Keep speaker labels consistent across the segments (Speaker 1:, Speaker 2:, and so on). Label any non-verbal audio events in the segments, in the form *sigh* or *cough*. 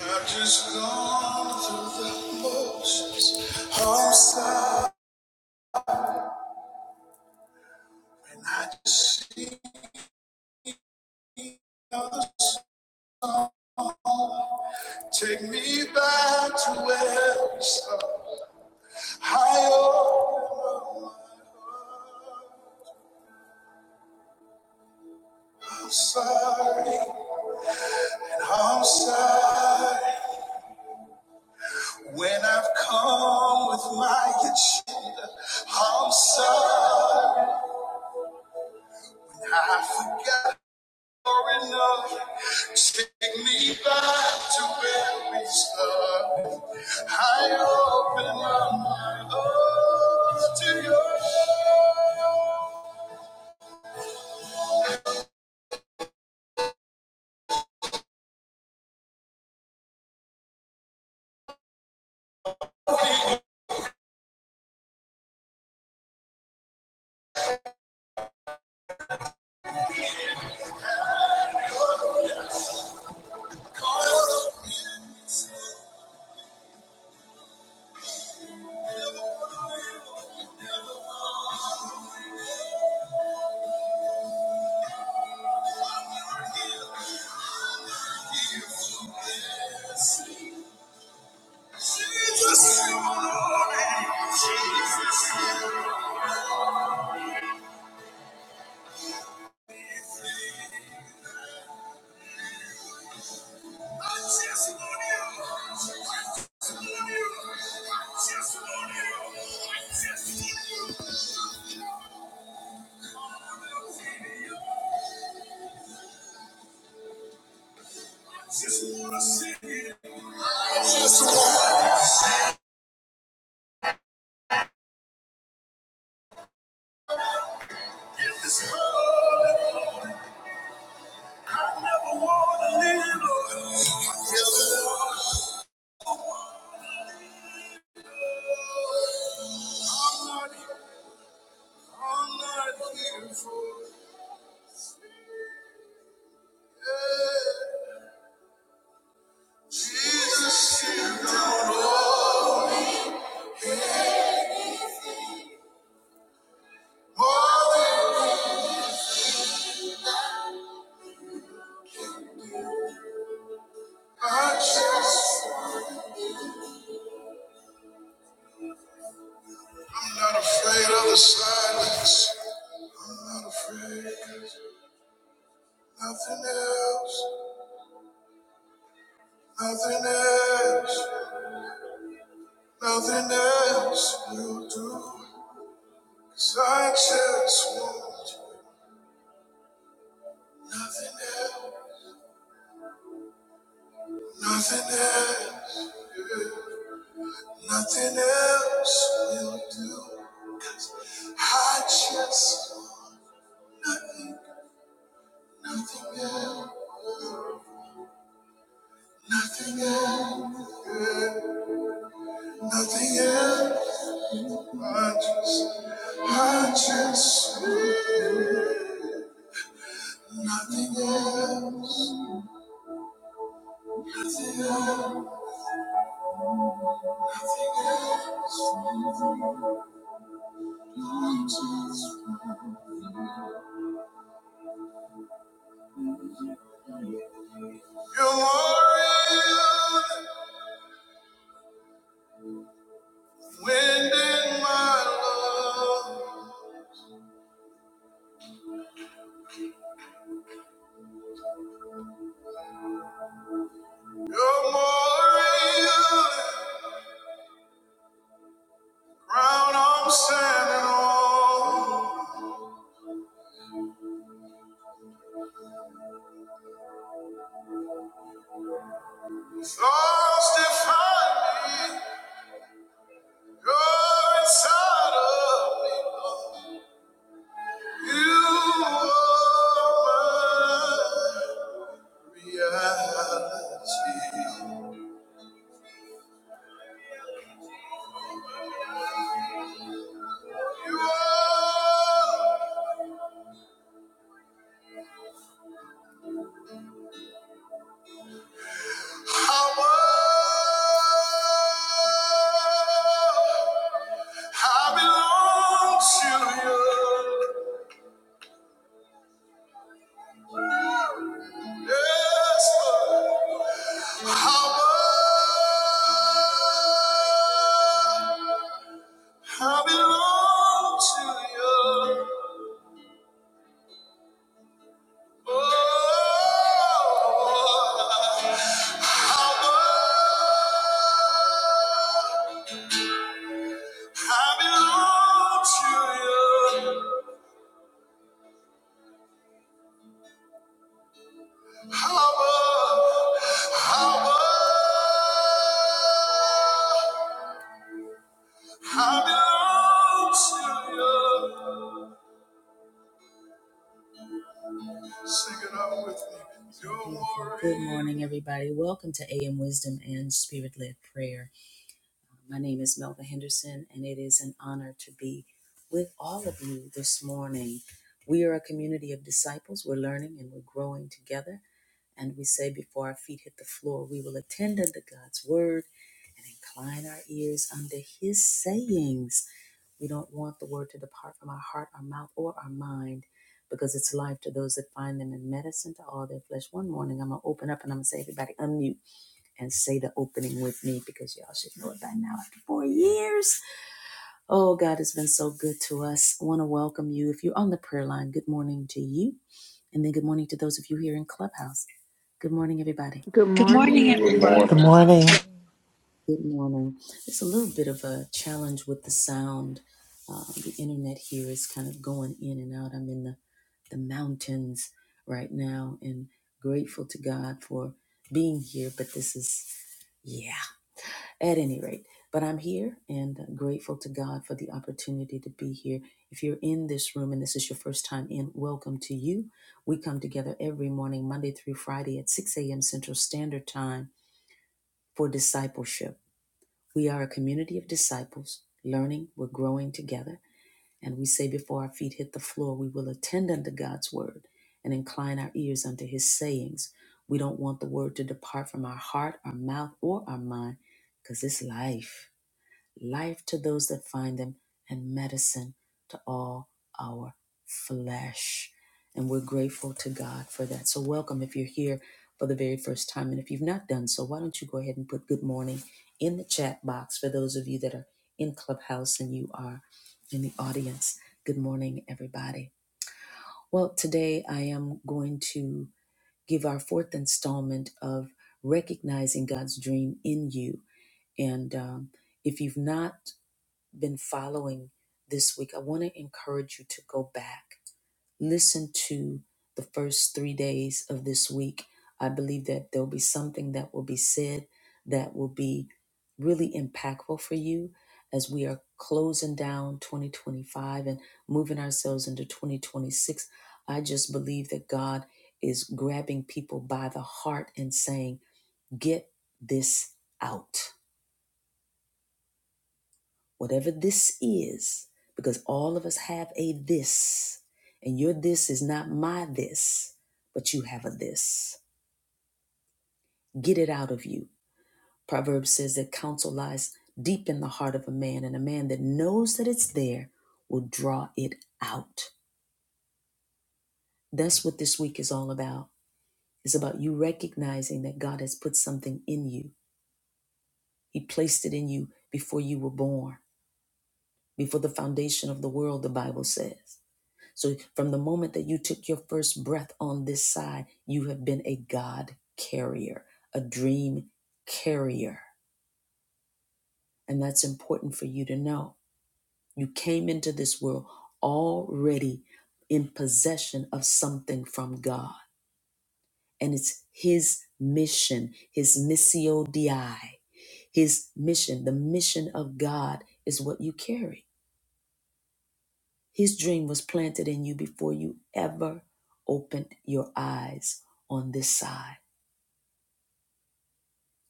Speaker 1: I've just gone through the motions. I'm sorry, and I just see others take me back to where we started. I am sorry, and I'm sorry. When I've come with my agenda, I'm sorry. I forgot far enough. Take me back to where we started. I open up my heart to you. I never want to live alone. Yes, Lord. I'm not, here. I'm not here for yeah. Jesus, you don't know me. more than I just. I'm not afraid of the silence. I'm not afraid. Nothing else, nothing else, nothing else will do. 'Cause I just want you. Nothing else, nothing else, nothing else will do. I just want nothing, nothing else, nothing else, yeah, nothing else. I just, I just, nothing else, nothing else, nothing else. You're more real, than wind in my love. You're more real, than ground I'm standing on. Thoughts define me, you're inside of me. You are my reality. You are how I I belong to you. Yes, Lord. How I I belong to you. Oh. Good morning, everybody. Welcome to AM Wisdom and Spirit Led Prayer. My name is Melva Henderson, and it is an honor to be with all of you this morning. We are a community of disciples. We're learning and we're growing together. And we say, before our feet hit the floor, we will attend unto God's word and incline our ears unto his sayings. We don't want the word to depart from our heart, our mouth, or our mind because it's life to those that find them and medicine to all their flesh. One morning, I'm going to open up and I'm going to say, everybody, unmute and say the opening with me because y'all should know it by now after four years. Oh, God has been so good to us. I want to welcome you. If you're on the prayer line, good morning to you. And then good morning to those of you here in Clubhouse. Good morning, everybody.
Speaker 2: Good
Speaker 3: Good morning,
Speaker 4: Good
Speaker 3: everyone.
Speaker 2: morning.
Speaker 5: Good
Speaker 4: morning.
Speaker 5: morning.
Speaker 1: Good morning. It's a little bit of a challenge with the sound. Um, the internet here is kind of going in and out. I'm in the, the mountains right now and grateful to God for being here. But this is, yeah. at any rate. But I'm here and grateful to God for the opportunity to be here. If you're in this room and this is your first time in, welcome to you. We come together every morning, Monday through Friday at 6 a.m. Central Standard Time for discipleship. We are a community of disciples, learning, we're growing together. And we say before our feet hit the floor, we will attend unto God's word and incline our ears unto his sayings. We don't want the word to depart from our heart, our mouth, or our mind, because it's life life to those that find them, and medicine to all our flesh. And we're grateful to God for that. So, welcome if you're here for the very first time. And if you've not done so, why don't you go ahead and put good morning in the chat box for those of you that are in Clubhouse and you are in the audience. Good morning, everybody. Well, today I am going to give our fourth installment of recognizing God's dream in you. And um, if you've not been following this week, I want to encourage you to go back, listen to the first three days of this week. I believe that there'll be something that will be said that will be really impactful for you as we are closing down 2025 and moving ourselves into 2026. I just believe that God is grabbing people by the heart and saying, Get this out whatever this is, because all of us have a this, and your this is not my this, but you have a this. Get it out of you. Proverbs says that counsel lies deep in the heart of a man, and a man that knows that it's there will draw it out. That's what this week is all about. It's about you recognizing that God has put something in you. He placed it in you before you were born, before the foundation of the world, the Bible says. So, from the moment that you took your first breath on this side, you have been a God carrier, a dream carrier. And that's important for you to know. You came into this world already in possession of something from God, and it's His mission, His missio Dei. His mission, the mission of God is what you carry. His dream was planted in you before you ever opened your eyes on this side.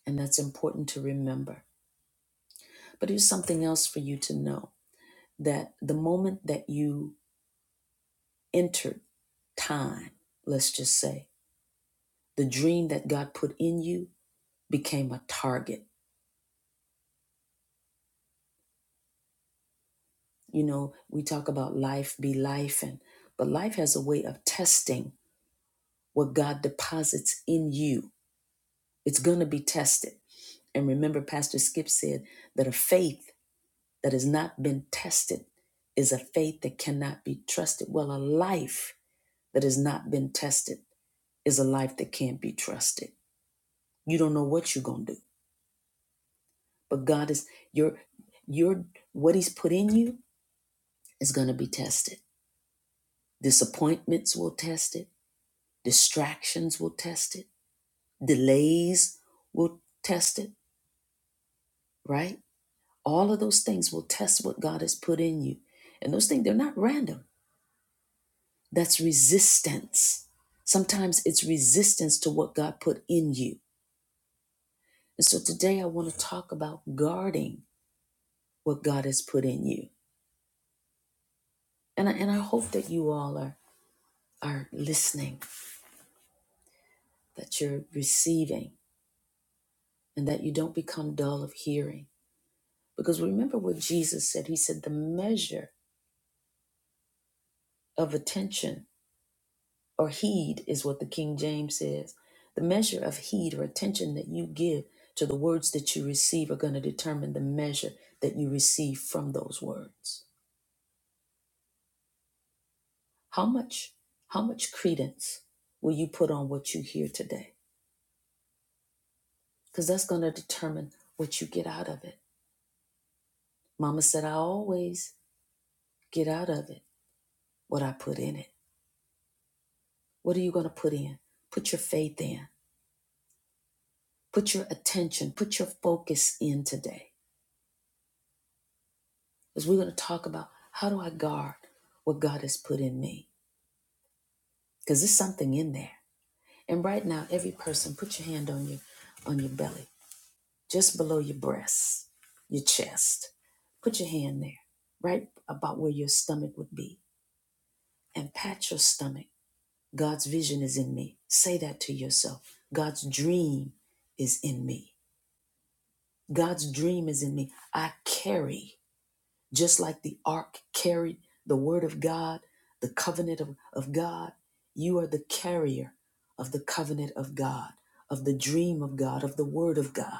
Speaker 1: And that's important to remember. But here's something else for you to know that the moment that you entered time, let's just say, the dream that God put in you became a target. You know, we talk about life be life, and but life has a way of testing what God deposits in you. It's going to be tested. And remember, Pastor Skip said that a faith that has not been tested is a faith that cannot be trusted. Well, a life that has not been tested is a life that can't be trusted. You don't know what you're gonna do, but God is your your what He's put in you is gonna be tested. Disappointments will test it. Distractions will test it. Delays will test it. Right? All of those things will test what God has put in you, and those things they're not random. That's resistance. Sometimes it's resistance to what God put in you. And so today I want to talk about guarding what God has put in you. And I, and I hope that you all are, are listening, that you're receiving, and that you don't become dull of hearing. Because remember what Jesus said He said, the measure of attention or heed is what the King James says. The measure of heed or attention that you give to the words that you receive are going to determine the measure that you receive from those words. How much how much credence will you put on what you hear today? Cuz that's going to determine what you get out of it. Mama said I always get out of it what I put in it. What are you going to put in? Put your faith in. Put your attention, put your focus in today. is we're going to talk about how do I guard what God has put in me? Because there's something in there. And right now, every person, put your hand on your on your belly, just below your breasts, your chest. Put your hand there, right about where your stomach would be, and pat your stomach. God's vision is in me. Say that to yourself. God's dream is in me. God's dream is in me. I carry Just like the ark carried the word of God, the covenant of, of God, you are the carrier of the covenant of God, of the dream of God, of the word of God.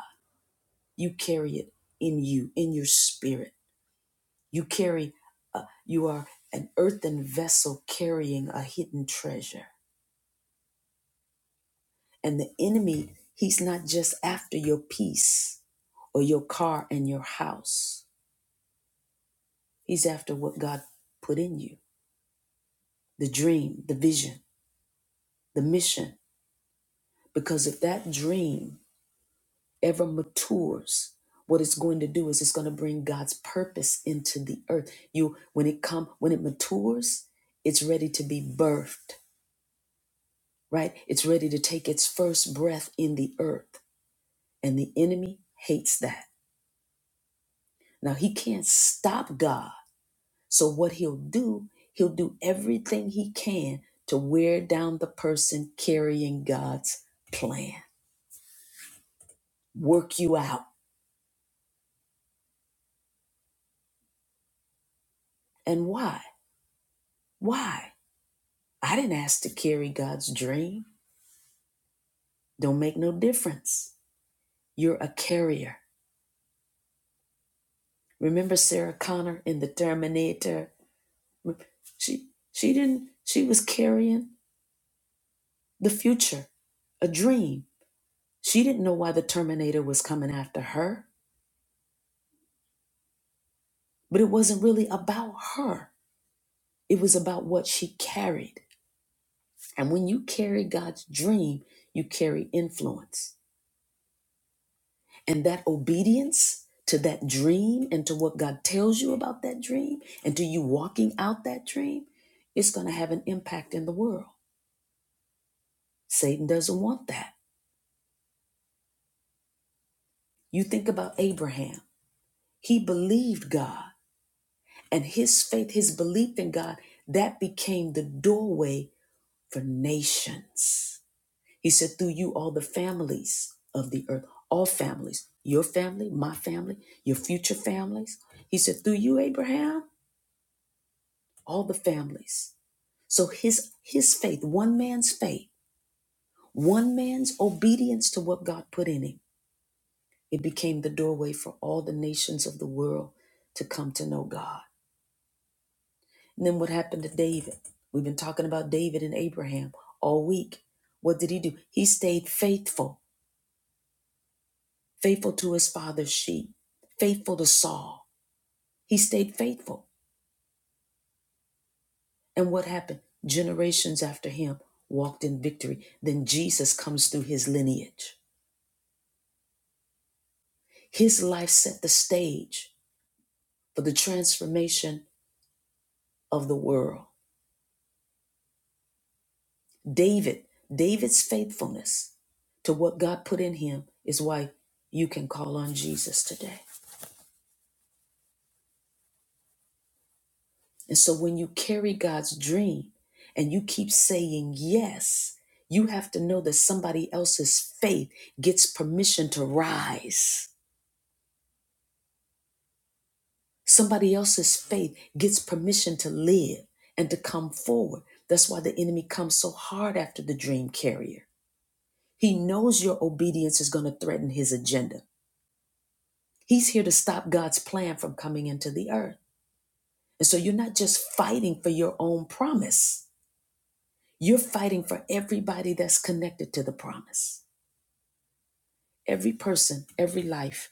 Speaker 1: You carry it in you, in your spirit. You carry, uh, you are an earthen vessel carrying a hidden treasure. And the enemy, he's not just after your peace or your car and your house, he's after what God put in you the dream, the vision, the mission Because if that dream ever matures, what it's going to do is it's going to bring God's purpose into the earth. You when it come when it matures, it's ready to be birthed, right? It's ready to take its first breath in the earth. And the enemy hates that. Now he can't stop God. So what he'll do, he'll do everything he can to wear down the person carrying God's plan. Work you out. And why? Why? I didn't ask to carry God's dream. Don't make no difference. You're a carrier. Remember Sarah Connor in the Terminator? She she didn't she was carrying the future, a dream. She didn't know why the Terminator was coming after her, but it wasn't really about her. It was about what she carried. And when you carry God's dream, you carry influence. And that obedience to that dream and to what God tells you about that dream and to you walking out that dream, it's going to have an impact in the world. Satan doesn't want that. You think about Abraham, he believed God, and his faith, his belief in God, that became the doorway for nations. He said, Through you, all the families of the earth, all families, your family, my family, your future families. He said, Through you, Abraham, all the families. So his his faith, one man's faith, one man's obedience to what God put in him, it became the doorway for all the nations of the world to come to know God. And then what happened to David? We've been talking about David and Abraham all week. What did he do? He stayed faithful, faithful to his father's sheep, faithful to Saul. He stayed faithful. And what happened? Generations after him walked in victory. Then Jesus comes through his lineage. His life set the stage for the transformation of the world. David, David's faithfulness to what God put in him is why you can call on Jesus today. And so when you carry God's dream and you keep saying yes, you have to know that somebody else's faith gets permission to rise. Somebody else's faith gets permission to live and to come forward. That's why the enemy comes so hard after the dream carrier He knows your obedience is going to threaten his agenda. He's here to stop God's plan from coming into the earth. And so you're not just fighting for your own promise, you're fighting for everybody that's connected to the promise. Every person, every life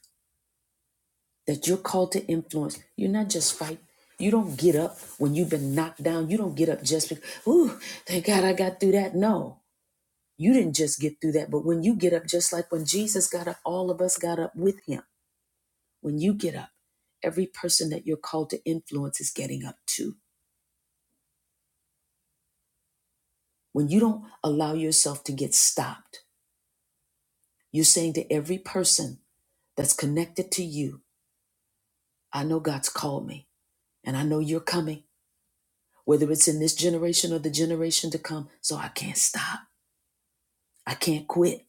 Speaker 1: that you're called to influence, you're not just fighting. You don't get up when you've been knocked down. You don't get up just because, ooh, thank God I got through that. No, you didn't just get through that. But when you get up, just like when Jesus got up, all of us got up with him. When you get up, every person that you're called to influence is getting up too. When you don't allow yourself to get stopped, you're saying to every person that's connected to you, I know God's called me and I know you're coming, whether it's in this generation or the generation to come, so I can't stop. I can't quit.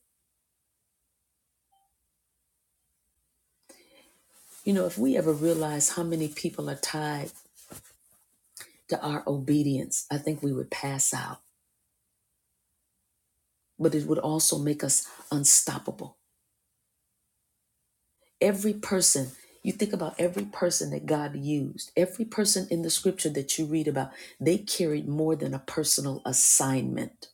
Speaker 1: You know, if we ever realize how many people are tied to our obedience, I think we would pass out, but it would also make us unstoppable Every person, you think about every person that God used, every person in the scripture that you read about, they carried more than a personal assignment.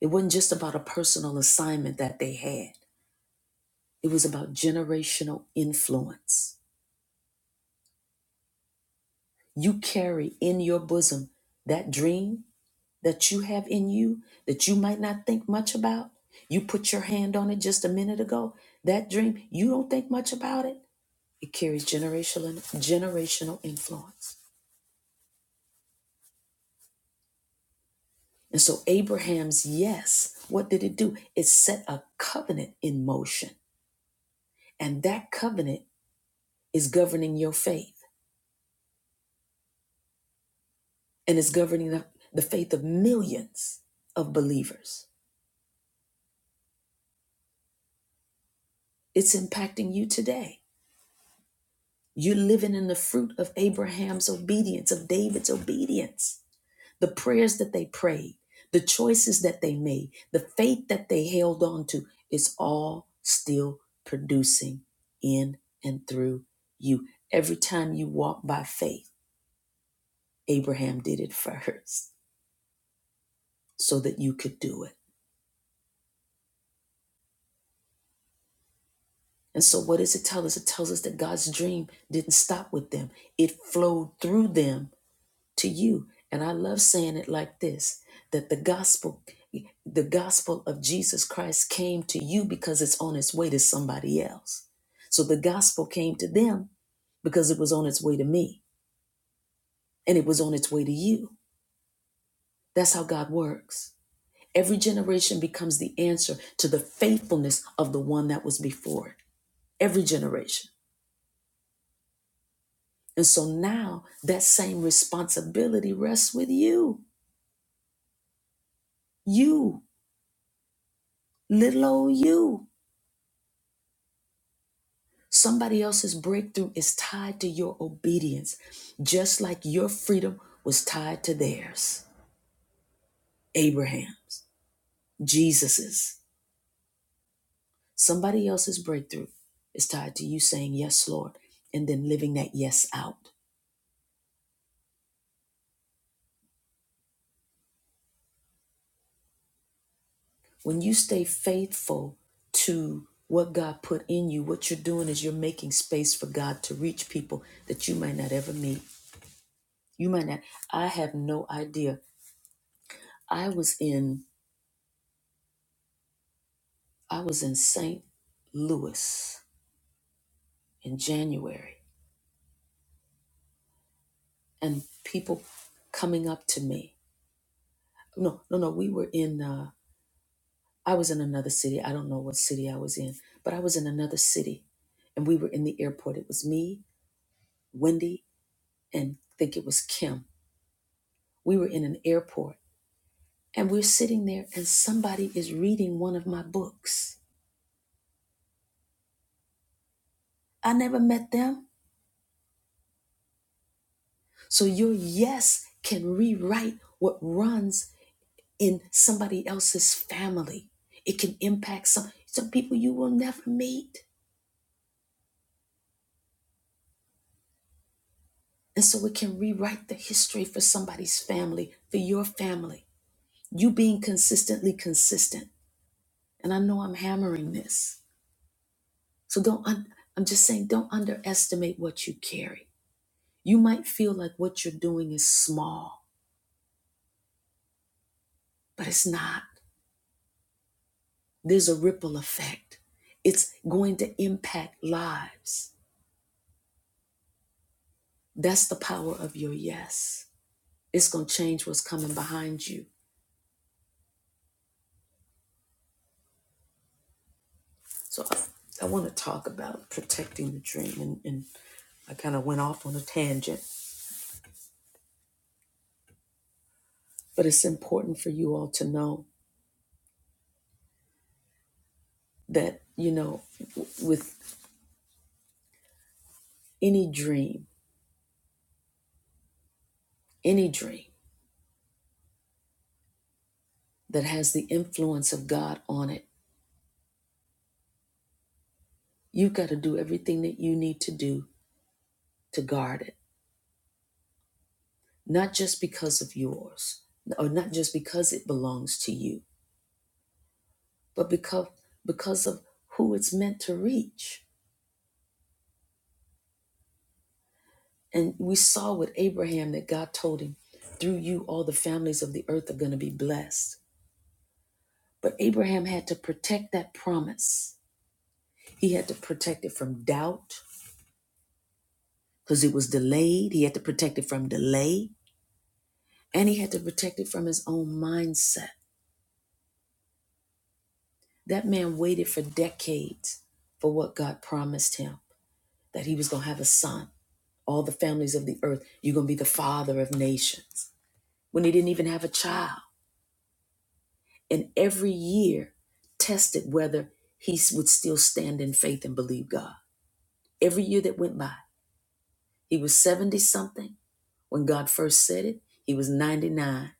Speaker 1: It wasn't just about a personal assignment that they had, it was about generational influence. You carry in your bosom that dream that you have in you that you might not think much about. You put your hand on it just a minute ago. That dream, you don't think much about it. It carries generational generational influence. And so Abraham's yes, what did it do? It set a covenant in motion. And that covenant is governing your faith and it's governing the, the faith of millions of believers. It's impacting you today. You're living in the fruit of Abraham's obedience, of David's obedience. the prayers that they prayed, the choices that they made, the faith that they held on to, it's all still producing in and through you. Every time you walk by faith, Abraham did it *laughs* first so that you could do it. And so, what does it tell us? It tells us that God's dream didn't stop with them, it flowed through them to you and i love saying it like this that the gospel the gospel of jesus christ came to you because it's on its way to somebody else so the gospel came to them because it was on its way to me and it was on its way to you that's how god works every generation becomes the answer to the faithfulness of the one that was before it every generation and so now that same responsibility rests with you you little old you Somebody else's breakthrough is tied to your obedience, just like your freedom was tied to theirs. Abraham's, Jesus's. Somebody else's breakthrough is tied to you saying, Yes, Lord, and then living that yes out. When you stay faithful to what God put in you, what you're doing is you're making space for God to reach people that you might not ever meet. You might not. I have no idea. I was in I was in St. Louis in January and people coming up to me. No, no, no. We were in, uh, I was in another city. I don't know what city I was in, but I was in another city and we were in the airport. It was me, Wendy, and I think it was Kim. We were in an airport and we're sitting there and somebody is reading one of my books. I never met them. So your yes can rewrite what runs in somebody else's family. It can impact some some people you will never meet. And so it can rewrite the history for somebody's family, for your family. You being consistently consistent. And I know I'm hammering this. So don't un- I'm just saying don't underestimate what you carry. You might feel like what you're doing is small, but it's not. There's a ripple effect. It's going to impact lives. That's the power of your yes. It's going to change what's coming behind you. So I, I want to talk about protecting the dream. And, and I kind of went off on a tangent, but it's important for you all to know that, you know, w- with any dream, any dream that has the influence of God on it, you've got to do everything that you need to do to guard it, not just because of yours, or not just because it belongs to you, but because because of who it's meant to reach And we saw with Abraham that God told him, through you, all the families of the earth are going to be blessed. But Abraham had to protect that promise. He had to protect it from doubt because it was delayed. He had to protect it from delay and he had to protect it from his own mindset. That man waited for decades for what God promised him that he was going to have a son. All the families of the earth, you're going to be the father of nations when he didn't even have a child. and every year tested whether he would still stand in faith and believe God. Every year that went by, he was 70 something when God first said it, he was 99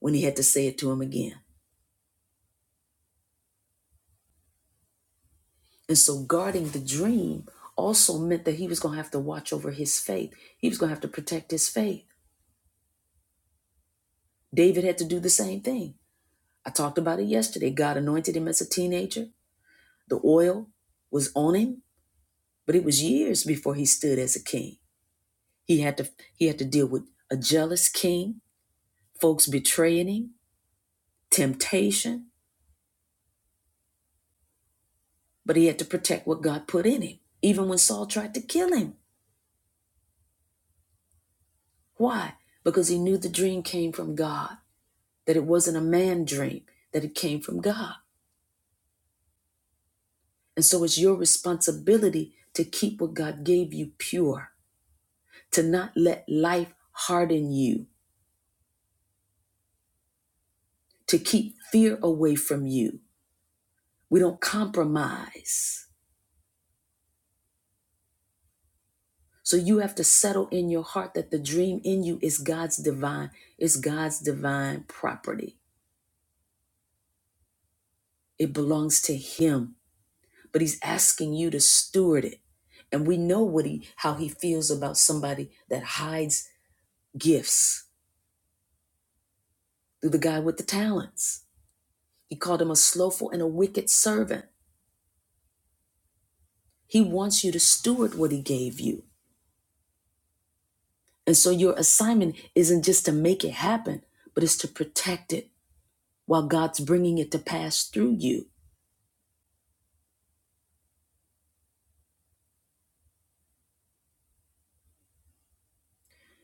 Speaker 1: when he had to say it to him again. And so, guarding the dream also meant that he was going to have to watch over his faith, he was going to have to protect his faith. David had to do the same thing. I talked about it yesterday. God anointed him as a teenager, the oil was on him, but it was years before he stood as a king. He had to he had to deal with a jealous king, folks betraying him, temptation, but he had to protect what God put in him, even when Saul tried to kill him. Why? Because he knew the dream came from God, that it wasn't a man dream, that it came from God. And so it's your responsibility to keep what God gave you pure, to not let life harden you, to keep fear away from you. We don't compromise So you have to settle in your heart that the dream in you is God's divine, is God's divine property. It belongs to him, but he's asking you to steward it. And we know what he how he feels about somebody that hides gifts through the guy with the talents. He called him a slothful and a wicked servant. He wants you to steward what he gave you. And so your assignment isn't just to make it happen, but it's to protect it while God's bringing it to pass through you.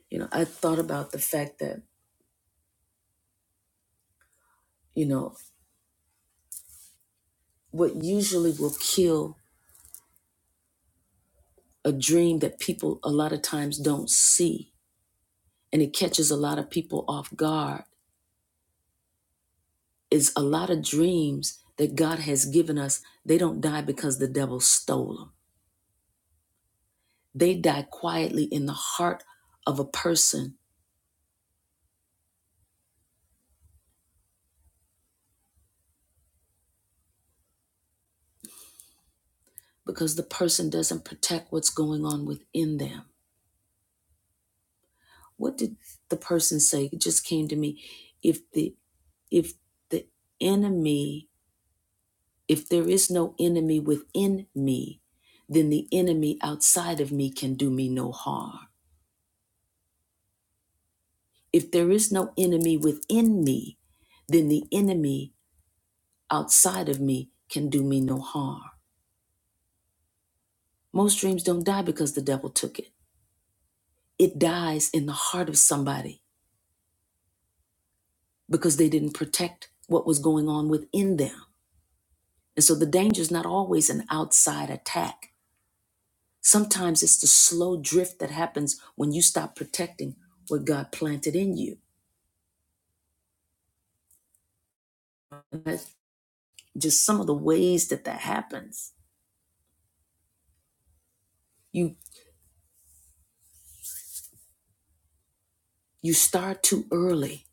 Speaker 1: You know, I thought about the fact that, you know, what usually will kill a dream that people a lot of times don't see and it catches a lot of people off guard is a lot of dreams that God has given us. They don't die because the devil stole them, they die quietly in the heart of a person because the person doesn't protect what's going on within them. What did the person say? It just came to me. If the if the enemy If there is no enemy within me, then the enemy outside of me can do me no harm. If there is no enemy within me, then the enemy outside of me can do me no harm. Most dreams don't die because the devil took it, it dies in the heart of somebody because they didn't protect what was going on within them. And so the danger is not always an outside attack. Sometimes it's the slow drift that happens when you stop protecting what God planted in you. And that's just some of the ways that that happens. You you start too early.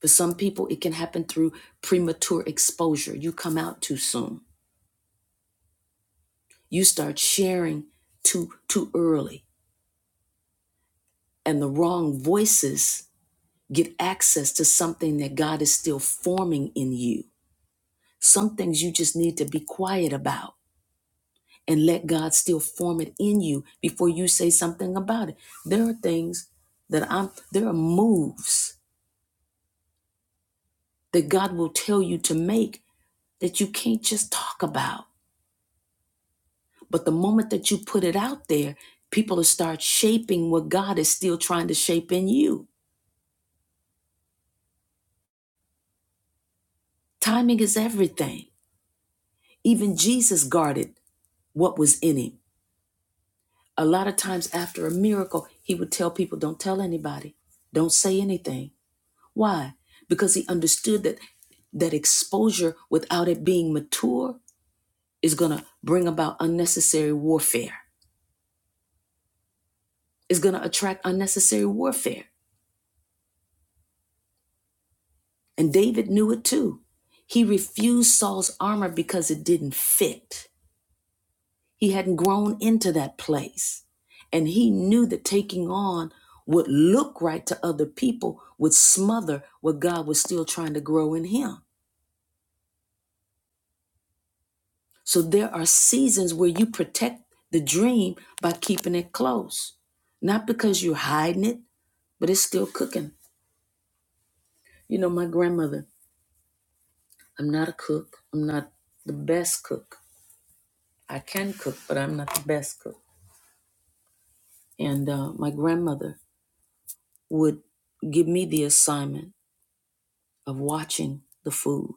Speaker 1: For some people, it can happen through premature exposure. You come out too soon. You start sharing too too early, and the wrong voices get access to something that God is still forming in you. Some things you just need to be quiet about and let God still form it in you before you say something about it. There are things that I'm there are moves that God will tell you to make that you can't just talk about. But the moment that you put it out there, people will start shaping what God is still trying to shape in you. Timing is everything. Even Jesus guarded what was in him. A lot of times after a miracle, he would tell people, Don't tell anybody, don't say anything. Why? Because he understood that that exposure without it being mature is going to bring about unnecessary warfare is going to attract unnecessary warfare. And David knew it too. He refused Saul's armor because it didn't fit. He hadn't grown into that place. And he knew that taking on what looked right to other people would smother what God was still trying to grow in him. So there are seasons where you protect the dream by keeping it close, not because you're hiding it, but it's still cooking. You know, my grandmother, I'm not a cook, I'm not the best cook I can cook, but I'm not the best cook. And uh, my grandmother would give me the assignment of watching the food.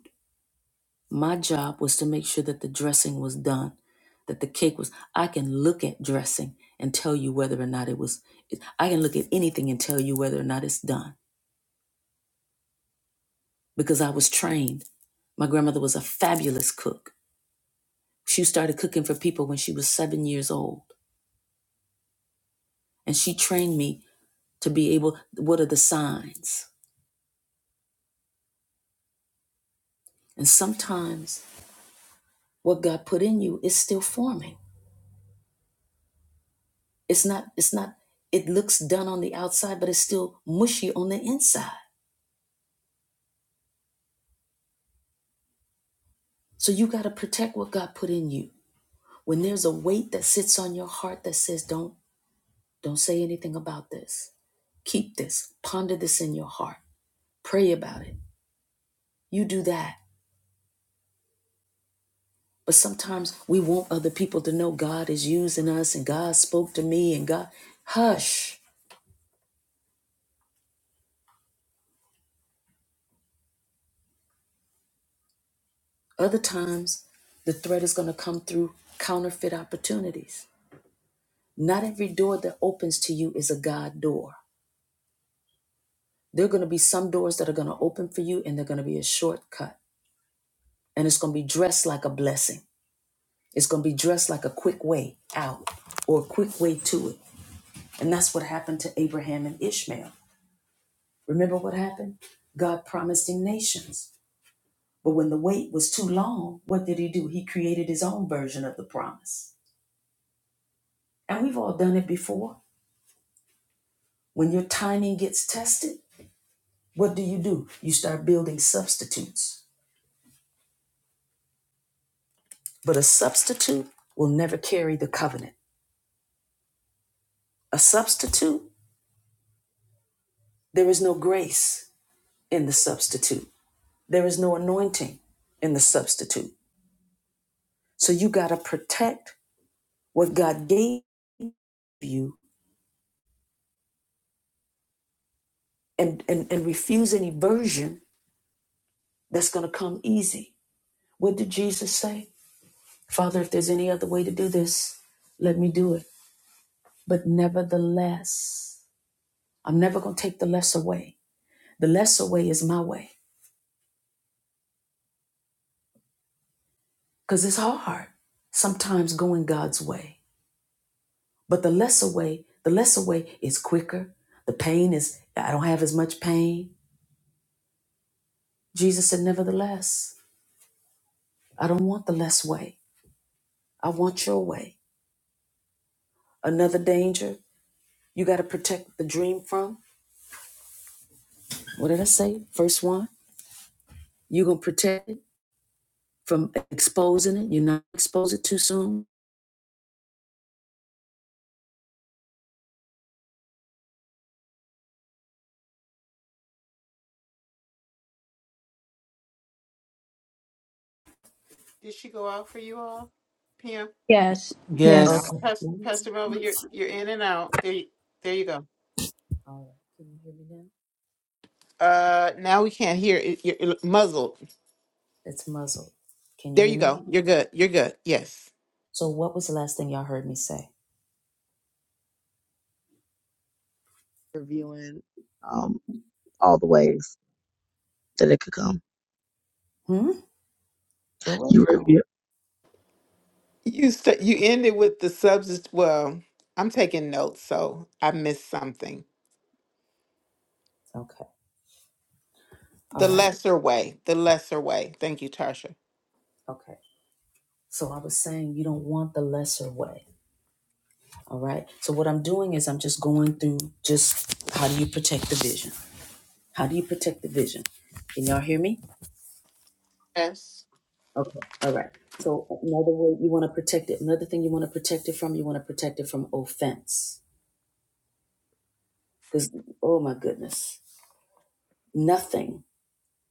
Speaker 1: My job was to make sure that the dressing was done, that the cake was. I can look at dressing and tell you whether or not it was. I can look at anything and tell you whether or not it's done because I was trained. My grandmother was a fabulous cook. She started cooking for people when she was seven years old, and she trained me to be able. What are the signs? And sometimes What God put in you is still forming. It's not, it's not, it looks done on the outside, but it's still mushy on the inside. So you got to protect what God put in you. When there's a weight that sits on your heart that says, don't, don't say anything about this. Keep this, ponder this in your heart, pray about it. You do that. But sometimes we want other people to know God is using us and God spoke to me and God, hush. Other times the threat is going to come through counterfeit opportunities Not every door that opens to you is a God door. There are going to be some doors that are going to open for you and they're going to be a shortcut. And it's going to be dressed like a blessing. It's going to be dressed like a quick way out or a quick way to it. And that's what happened to Abraham and Ishmael. Remember what happened? God promised him nations. But when the wait was too long, what did he do? He created his own version of the promise. And we've all done it before. When your timing gets tested, what do you do? You start building substitutes But a substitute will never carry the covenant. A substitute, there is no grace in the substitute, there is no anointing in the substitute. So you got to protect what God gave you and, and, and refuse any version that's going to come easy. What did Jesus say? Father, if there's any other way to do this, let me do it. But nevertheless, I'm never going to take the lesser way. The lesser way is my way. because it's hard sometimes going God's way. But the lesser way, the lesser way is quicker. The pain is, I don't have as much pain. Jesus said, Nevertheless, I don't want the less way. I want your way. Another danger you got to protect the dream from. What did I say? First one, you're going to protect it from exposing it. You're not expose it too soon.
Speaker 2: Did she go out for you all? Pam,
Speaker 3: Yeah,
Speaker 6: when I'm
Speaker 5: Yes,
Speaker 1: Okay.
Speaker 2: pass,
Speaker 1: All
Speaker 2: Pastor Melvin, you're you're in and out. There, you- there you go.
Speaker 1: right. Can you hear me now?
Speaker 2: Uh, now we can't hear it. You're you're muzzled.
Speaker 1: It's muzzled. Can you
Speaker 2: There
Speaker 1: hear
Speaker 2: you
Speaker 1: me?
Speaker 2: go. You're good. You're good. Yes.
Speaker 1: So, what was the last thing y'all heard me say?
Speaker 6: reviewing um, all the ways that it could come.
Speaker 1: Hmm? Where was
Speaker 6: You
Speaker 1: oh,
Speaker 6: review.
Speaker 2: You st- you ended with the substance. Well, I'm taking notes, so I missed something.
Speaker 1: okay. All
Speaker 2: The
Speaker 1: right.
Speaker 2: lesser way. The lesser way. Thank you, Tarsha.
Speaker 1: Okay. So I was saying you don't want the lesser way. All right. So what I'm doing is I'm just going through just how do you protect the vision? How do you protect the vision? Can y'all hear me?
Speaker 2: Yes.
Speaker 1: Okay. All right. So another way you want to protect it. Another thing you want to protect it from, you want to protect it from offense. Because oh my goodness. Nothing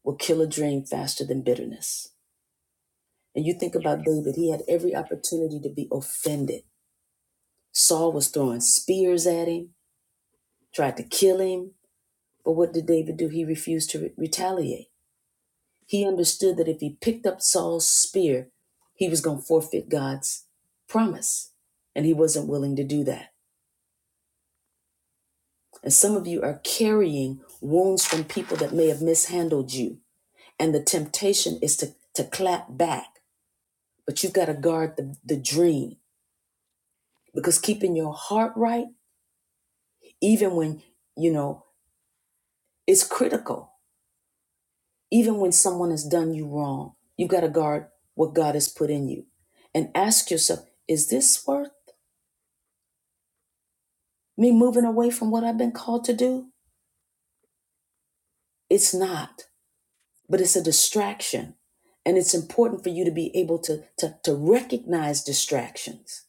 Speaker 1: will kill a dream faster than bitterness. And you think about David, he had every opportunity to be offended Saul was throwing spears at him, tried to kill him. But what did David do? He refused to re- retaliate. He understood that if he picked up Saul's spear, he was going to forfeit God's promise. And he wasn't willing to do that. And some of you are carrying wounds from people that may have mishandled you. And the temptation is to, to clap back. But you've got to guard the, the dream because keeping your heart right, even when, you know, it's critical Even when someone has done you wrong, you've got to guard what God has put in you and ask yourself, is this worth me moving away from what I've been called to do? It's not, but it's a distraction. And it's important for you to be able to, to, to recognize distractions,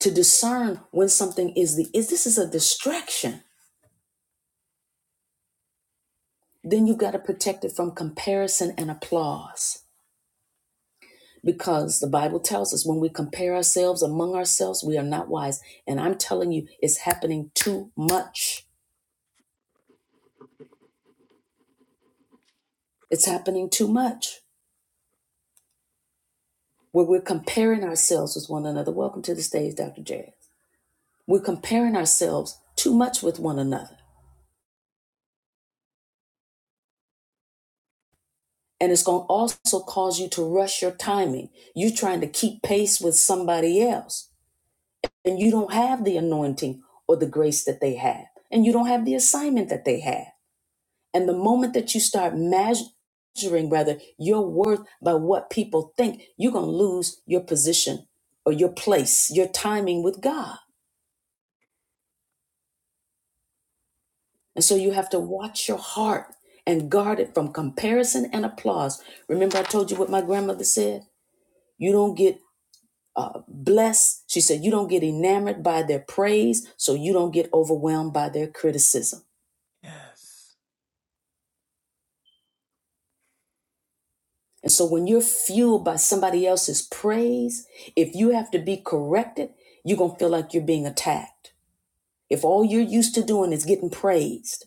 Speaker 1: to discern when something is the is this is a distraction. Then you've got to protect it from comparison and applause. because the Bible tells us when we compare ourselves among ourselves, we are not wise. And I'm telling you, it's happening too much. It's happening too much where we're comparing ourselves with one another. Welcome to the stage, Dr. Jazz. We're comparing ourselves too much with one another. And it's going to also cause you to rush your timing. you are trying to keep pace with somebody else, and you don't have the anointing or the grace that they have, and you don't have the assignment that they have. And the moment that you start measuring, rather, your worth by what people think, you're going to lose your position or your place, your timing with God. And so you have to watch your heart and guard it from comparison and applause. Remember, I told you what my grandmother said? You don't get uh, blessed. She said, You don't get enamored by their praise, so you don't get overwhelmed by their criticism.
Speaker 5: Yes.
Speaker 1: And so when you're fueled by somebody else's praise, if you have to be corrected, you're going to feel like you're being attacked. If all you're used to doing is getting praised.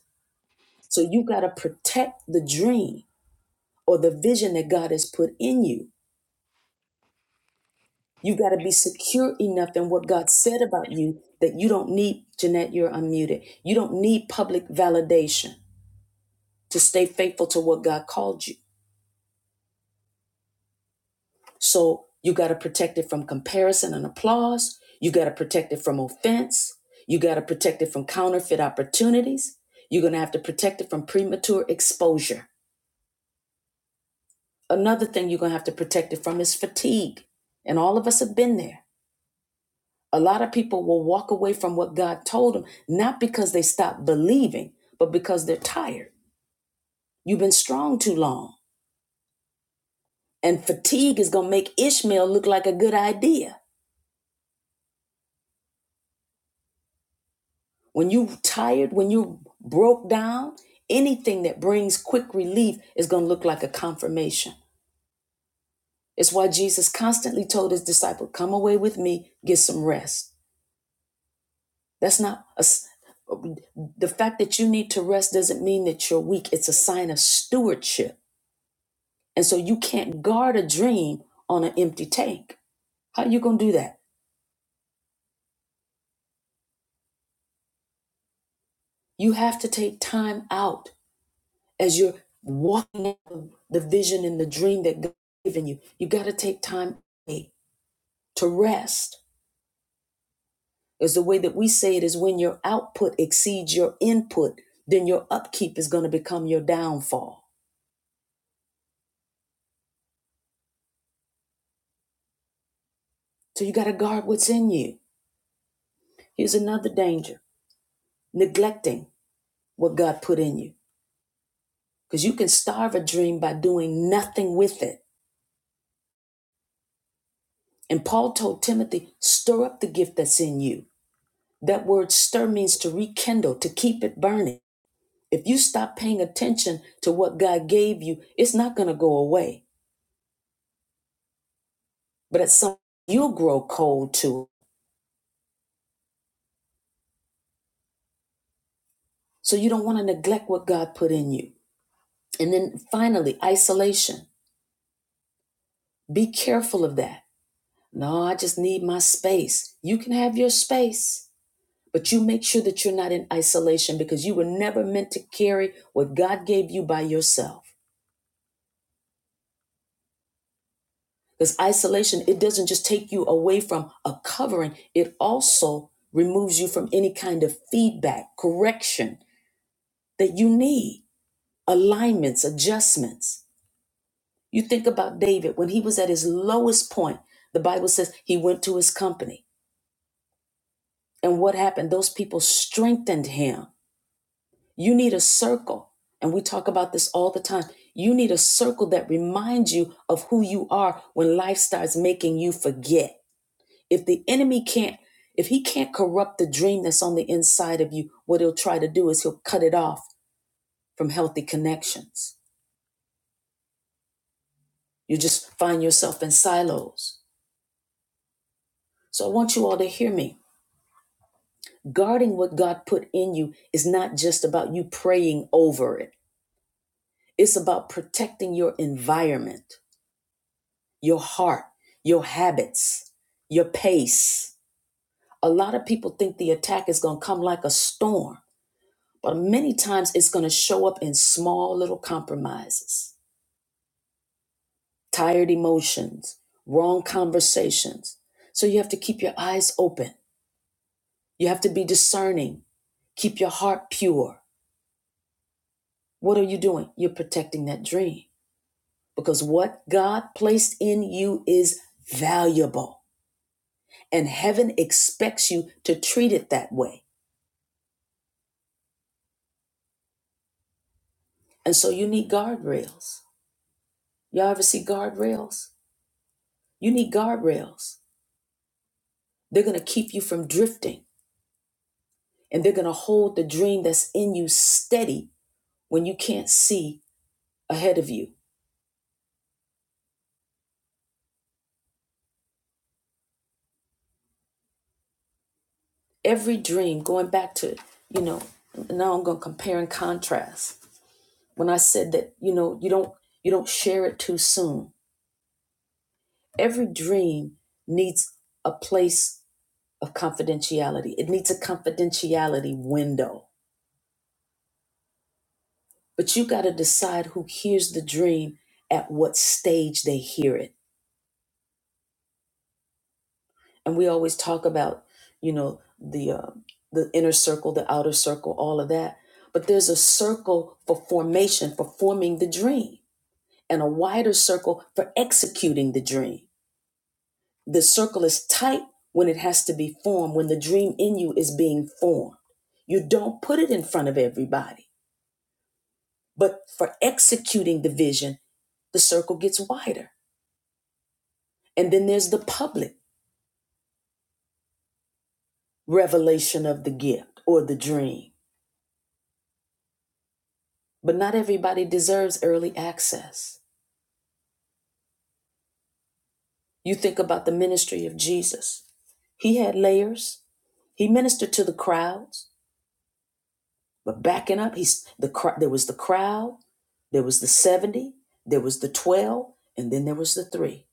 Speaker 1: So you got to protect the dream or the vision that God has put in you. You got to be secure enough in what God said about you that you don't need, Jeanette, you're unmuted. You don't need public validation to stay faithful to what God called you. So you got to protect it from comparison and applause. You got to protect it from offense. You got to protect it from counterfeit opportunities. You're going to have to protect it from premature exposure. Another thing you're going to have to protect it from is fatigue. And all of us have been there. A lot of people will walk away from what God told them, not because they stopped believing, but because they're tired. You've been strong too long. And fatigue is going to make Ishmael look like a good idea. When you tired, when you broke down, anything that brings quick relief is going to look like a confirmation. It's why Jesus constantly told his disciple, "Come away with me, get some rest." That's not a. the fact that you need to rest doesn't mean that you're weak. It's a sign of stewardship. And so you can't guard a dream on an empty tank. How are you going to do that? You have to take time out as you're walking out the vision and the dream that God's given you, you got to take time to rest. Is the way that we say it is when your output exceeds your input, then your upkeep is going to become your downfall. So you got to guard what's in you. Here's another danger neglecting what God put in you. Because you can starve a dream by doing nothing with it. And Paul told Timothy, stir up the gift that's in you. That word stir means to rekindle, to keep it burning. If you stop paying attention to what God gave you, it's not going to go away. But at some point, you'll grow cold to it. So you don't want to neglect what God put in you. And then finally, isolation. Be careful of that. No, I just need my space. You can have your space, but you make sure that you're not in isolation because you were never meant to carry what God gave you by yourself. Because isolation, it doesn't just take you away from a covering, it also removes you from any kind of feedback, correction that you need, alignments, adjustments. You think about David when he was at his lowest point, the Bible says he went to his company. And what happened? Those people strengthened him. You need a circle. And we talk about this all the time. You need a circle that reminds you of who you are when life starts making you forget. If the enemy can't, if he can't corrupt the dream that's on the inside of you, what he'll try to do is he'll cut it off from healthy connections. You just find yourself in silos. So I want you all to hear me. Guarding what God put in you is not just about you praying over it. It's about protecting your environment, your heart, your habits, your pace. A lot of people think the attack is going to come like a storm But many times it's going to show up in small little compromises, tired emotions, wrong conversations. So you have to keep your eyes open. You have to be discerning. Keep your heart pure. What are you doing? You're protecting that dream because what God placed in you is valuable and heaven expects you to treat it that way. And so you need guardrails. Y'all ever see guardrails? You need guardrails. They're going to keep you from drifting. and they're going to hold the dream that's in you steady when you can't see ahead of you. Every dream, going back to, you know, now I'm going to compare and contrast. When I said that, you know, you don't you don't share it too soon. Every dream needs a place of confidentiality. It needs a confidentiality window. But you got to decide who hears the dream at what stage they hear it and we always talk about you know the uh, the inner circle the outer circle all of that but there's a circle for formation for forming the dream and a wider circle for executing the dream the circle is tight when it has to be formed when the dream in you is being formed you don't put it in front of everybody but for executing the vision the circle gets wider and then there's the public revelation of the gift or the dream But not everybody deserves early access. You think about the ministry of Jesus. He had layers. He ministered to the crowds, but backing up, he's the there was the crowd, there was the 70, there was the 12, and then there was the 3.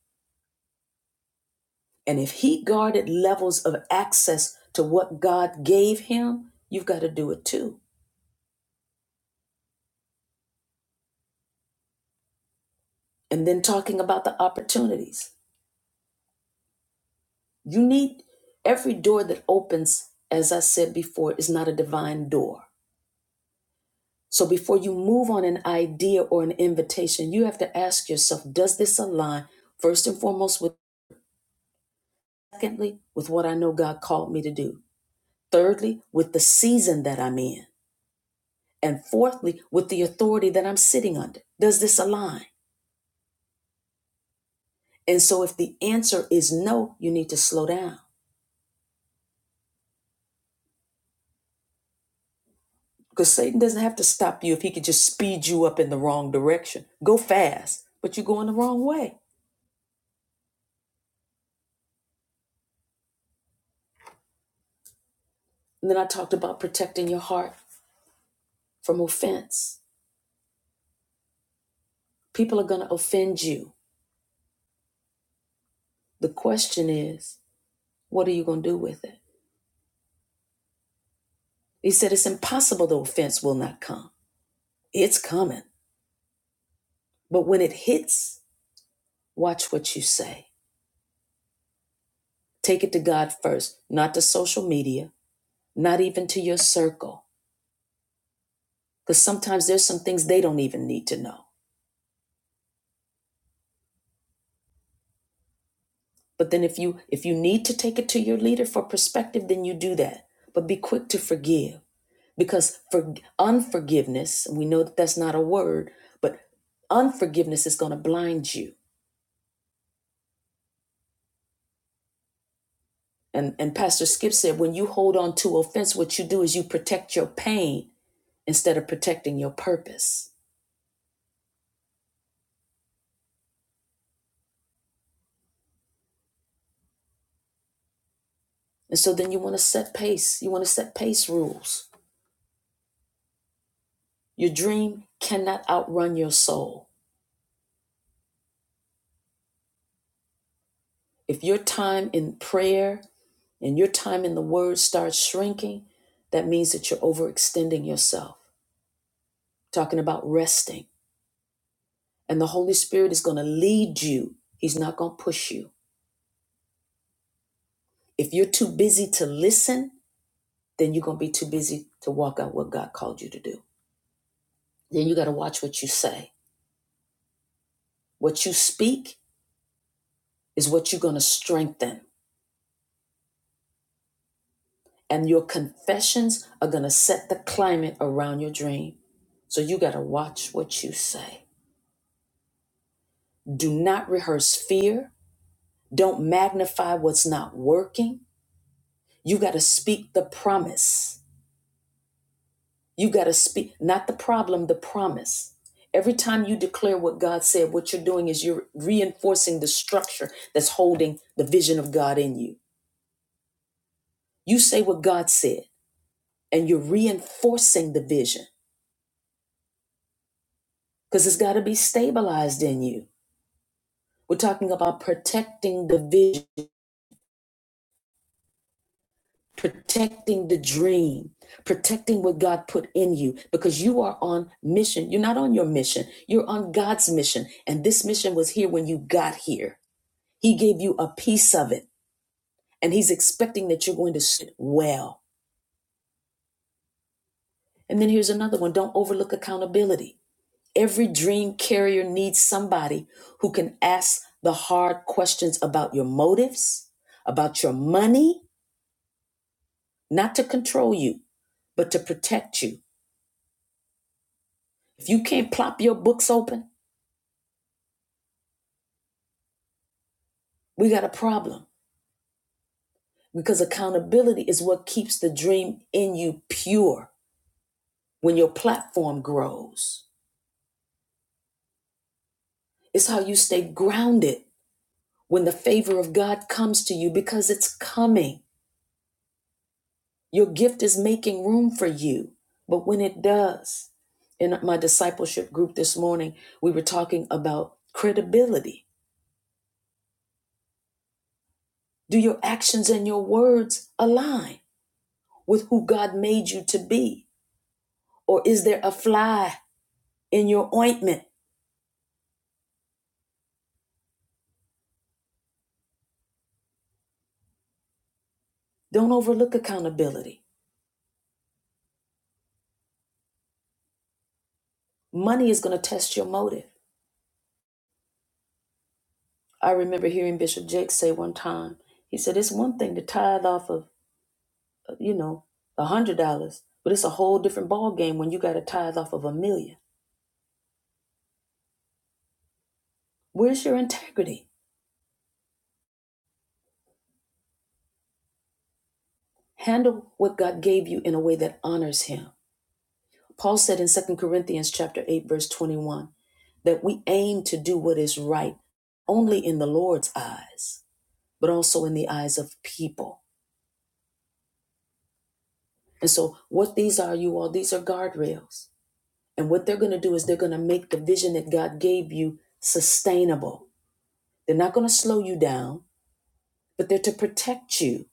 Speaker 1: And if he guarded levels of access to what God gave him, you've got to do it too. And then talking about the opportunities. You need every door that opens, as I said before, is not a divine door. So before you move on an idea or an invitation, you have to ask yourself, does this align first and foremost with secondly with what I know God called me to do? Thirdly, with the season that I'm in. And fourthly, with the authority that I'm sitting under. Does this align? And so if the answer is no, you need to slow down. Because Satan doesn't have to stop you if he could just speed you up in the wrong direction. Go fast, but you're going the wrong way. And then I talked about protecting your heart from offense People are going to offend you. The question is, what are you going to do with it? He said, It's impossible the offense will not come. It's coming. But when it hits, watch what you say. Take it to God first, not to social media, not even to your circle. Because sometimes there's some things they don't even need to know. But then if you if you need to take it to your leader for perspective, then you do that. But be quick to forgive because for unforgiveness we know that that's not a word but unforgiveness is going to blind you and and pastor skip said when you hold on to offense what you do is you protect your pain instead of protecting your purpose and so then you want to set pace you want to set pace rules your dream cannot outrun your soul if your time in prayer and your time in the word starts shrinking that means that you're overextending yourself talking about resting And the Holy Spirit is going to lead you. He's not going to push you. If you're too busy to listen, then you're going to be too busy to walk out what God called you to do. Then you got to watch what you say. What you speak is what you're going to strengthen. And your confessions are going to set the climate around your dream. So you got to watch what you say. Do not rehearse fear. Don't magnify what's not working. You got to speak the promise. You got to speak, not the problem, the promise. Every time you declare what God said, what you're doing is you're reinforcing the structure that's holding the vision of God in you. You say what God said, and you're reinforcing the vision because it's got to be stabilized in you. We're talking about protecting the vision, protecting the dream, protecting what God put in you because you are on mission. You're not on your mission, you're on God's mission. And this mission was here when you got here. He gave you a piece of it, and He's expecting that you're going to sit well. And then here's another one don't overlook accountability. Every dream carrier needs somebody who can ask the hard questions about your motives, about your money, not to control you, but to protect you. If you can't plop your books open, we got a problem because accountability is what keeps the dream in you pure when your platform grows. It's how you stay grounded when the favor of God comes to you because it's coming. Your gift is making room for you. But when it does, in my discipleship group this morning, we were talking about credibility. Do your actions and your words align with who God made you to be? Or is there a fly in your ointment? Don't overlook accountability. Money is going to test your motive. I remember hearing Bishop Jake say one time, he said, It's one thing to tithe off of you know, a hundred dollars, but it's a whole different ball game when you got to tithe off of a million. Where's your integrity? Handle what God gave you in a way that honors Him. Paul said in Second Corinthians chapter 8, verse 21, that we aim to do what is right only in the Lord's eyes, but also in the eyes of people. And so, what these are, you all, these are guardrails. And what they're going to do is they're going to make the vision that God gave you sustainable. They're not going to slow you down. but they're to protect you.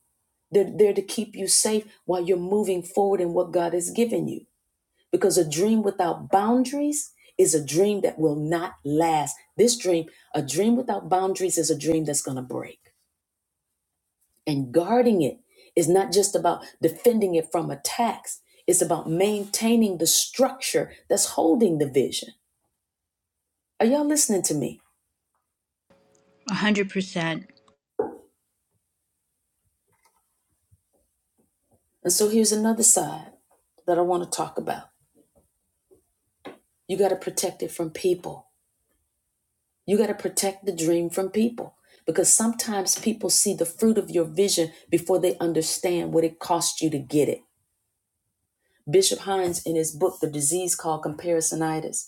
Speaker 1: They're there to keep you safe while you're moving forward in what God has given you. Because a dream without boundaries is a dream that will not last. This dream, a dream without boundaries, is a dream that's going to break. And guarding it is not just about defending it from attacks, it's about maintaining the structure that's holding the vision. Are y'all listening to me?
Speaker 3: 100%.
Speaker 1: And so here's another side that I want to talk about. You got to protect it from people. You got to protect the dream from people because sometimes people see the fruit of your vision before they understand what it cost you to get it. Bishop Hines, in his book, The Disease Called Comparisonitis,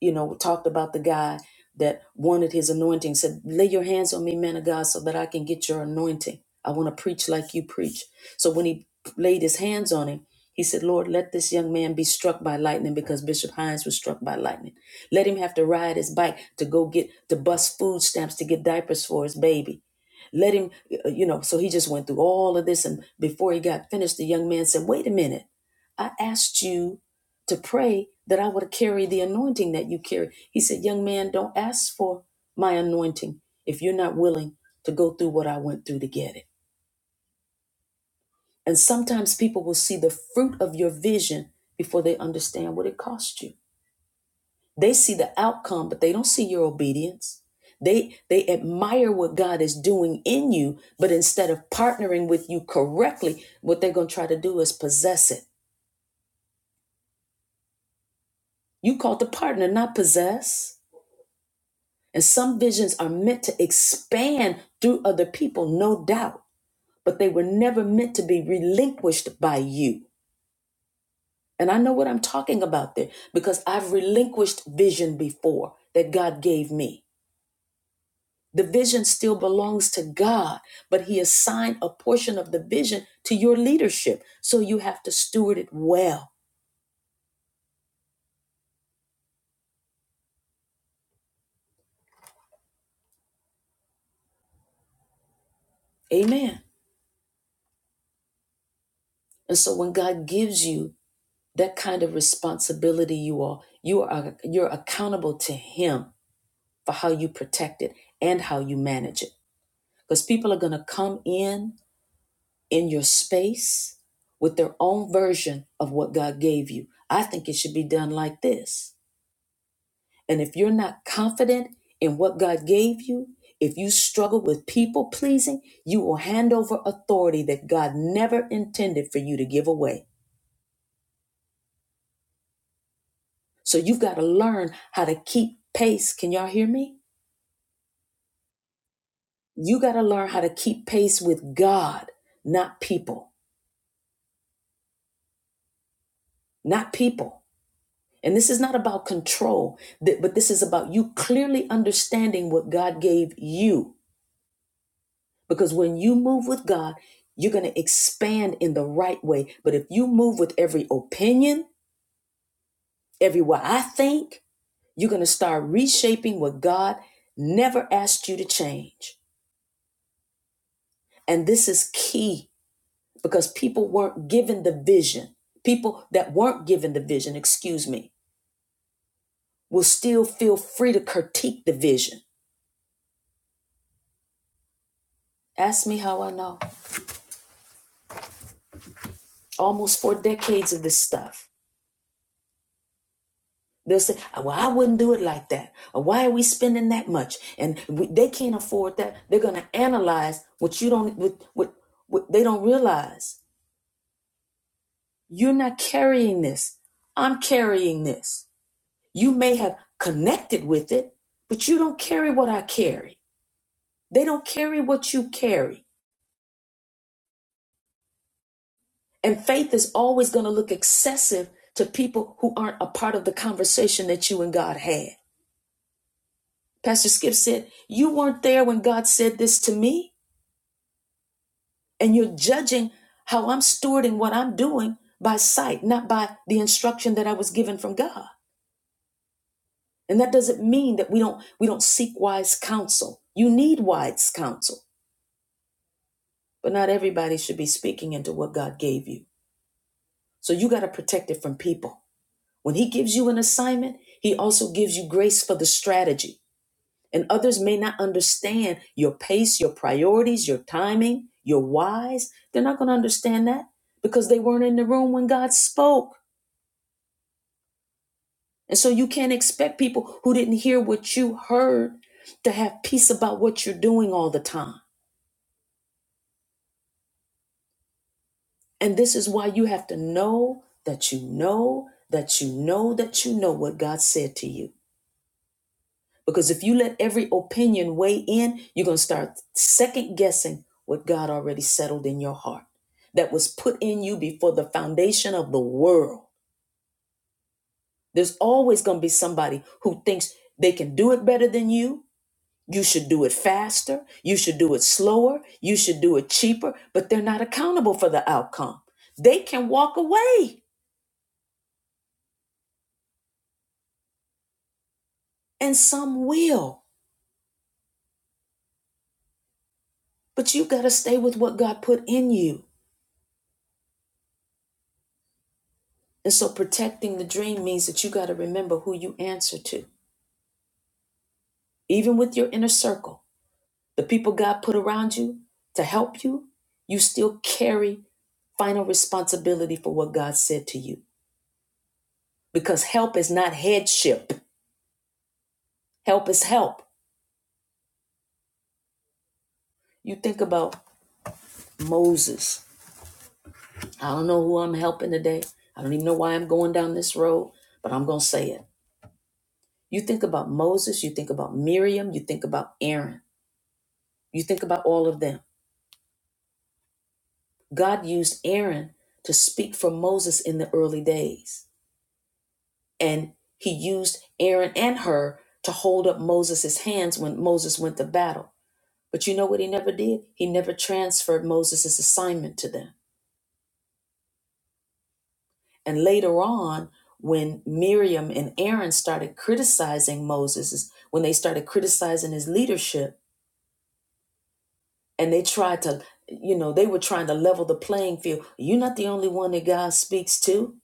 Speaker 1: you know, talked about the guy that wanted his anointing, said, Lay your hands on me, man of God, so that I can get your anointing. I want to preach like you preach. So when he laid his hands on him, he said, Lord, let this young man be struck by lightning because Bishop Hines was struck by lightning. Let him have to ride his bike to go get to bust food stamps to get diapers for his baby. Let him, uh, you know. So he just went through all of this. And before he got finished, the young man said, Wait a minute. I asked you to pray that I would carry the anointing that you carry. He said, Young man, don't ask for my anointing if you're not willing to go through what I went through to get it. And sometimes people will see the fruit of your vision before they understand what it cost you. They see the outcome, but they don't see your obedience. They they admire what God is doing in you, but instead of partnering with you correctly, what they're going to try to do is possess it. You called to partner, not possess. And some visions are meant to expand through other people, no doubt, but they were never meant to be relinquished by you. And I know what I'm talking about there because I've relinquished vision before that God gave me. The vision still belongs to God, but He assigned a portion of the vision to your leadership. So you have to steward it well. Amen. And so when God gives you that kind of responsibility, you all, you are you're accountable to Him for how you protect it and how you manage it. Because people are gonna come in in your space with their own version of what God gave you. I think it should be done like this. And if you're not confident in what God gave you, if you struggle with people pleasing, you will hand over authority that God never intended for you to give away. So you've got to learn how to keep pace. Can y'all hear me? You got to learn how to keep pace with God, not people, not people. And this is not about control, th- but this is about you clearly understanding what God gave you Because when you move with God, you're going to expand in the right way. But if you move with every opinion, every way I think, you're going to start reshaping what God never asked you to change. And this is key because people weren't given the vision. People that weren't given the vision, excuse me, will still feel free to critique the vision. Ask me how I know. Almost four decades of this stuff. They'll say, "Uh, well, I wouldn't do it like that. Or why are we spending that much? And we, they can't afford that. They're going to analyze what you don't, what, what, what they don't realize. You're not carrying this. I'm carrying this. You may have connected with it, but you don't carry what I carry. They don't carry what you carry. And faith is always going to look excessive to people who aren't a part of the conversation that you and God had. Pastor Skip said, You weren't there when God said this to me. And you're judging how I'm stewarding what I'm doing by sight, not by the instruction that I was given from God. And that doesn't mean that we don't we don't seek wise counsel. You need wise counsel, but not everybody should be speaking into what God gave you. So you got to protect it from people. When he gives you an assignment, he also gives you grace for the strategy. And others may not understand your pace, your priorities, your timing, your whys. They're not going to understand that because they weren't in the room when God spoke. And so you can't expect people who didn't hear what you heard to have peace about what you're doing all the time. And this is why you have to know that you know that you know that you know what God said to you. Because if you let every opinion weigh in, you're going to start second guessing what God already settled in your heart that was put in you before the foundation of the world. There's always going to be somebody who thinks they can do it better than you You should do it faster. You should do it slower. You should do it cheaper, but they're not accountable for the outcome. They can walk away, and some will, but you got to stay with what God put in you. And so protecting the dream means that you got to remember who you answer to, even with your inner circle, the people God put around you to help you. You still carry final responsibility for what God said to you because help is not headship, help is help. You think about Moses. I don't know who I'm helping today. I don't even know why I'm going down this road, but I'm going to say it. You think about Moses, you think about Miriam, you think about Aaron, you think about all of them. God used Aaron to speak for Moses in the early days, and he used Aaron and her to hold up Moses' hands when Moses went to battle. But you know what he never did? He never transferred Moses' assignment to them. And later on, when Miriam and Aaron started criticizing Moses, when they started criticizing his leadership, and they tried to, you know, they were trying to level the playing field. You're not the only one that God speaks to.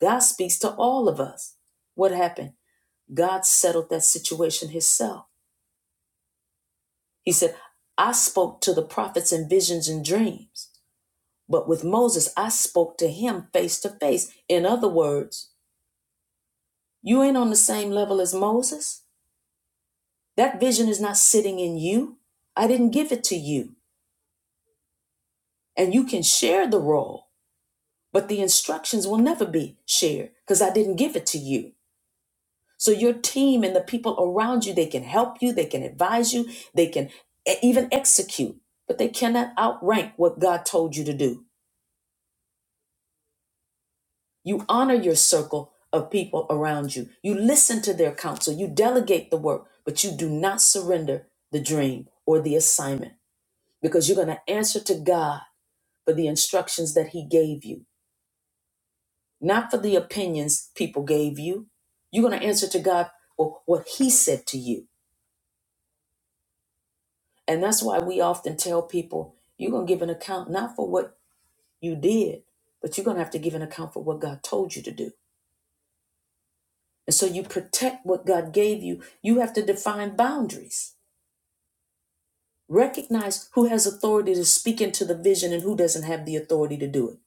Speaker 1: God speaks to all of us. What happened? God settled that situation himself. He said, I spoke to the prophets in visions and dreams, but with Moses, I spoke to him face to face. In other words, you ain't on the same level as Moses. That vision is not sitting in you. I didn't give it to you. And you can share the role, but the instructions will never be shared because I didn't give it to you. So your team and the people around you, they can help you, they can advise you, they can e- even execute, but they cannot outrank what God told you to do. You honor your circle of people around you. You listen to their counsel. You delegate the work, but you do not surrender the dream or the assignment because you're going to answer to God for the instructions that He gave you, not for the opinions people gave you. You're going to answer to God for what He said to you. And that's why we often tell people you're going to give an account not for what you did, but you're going to have to give an account for what God told you to do. And so you protect what God gave you. You have to define boundaries. Recognize who has authority to speak into the vision and who doesn't have the authority to do it.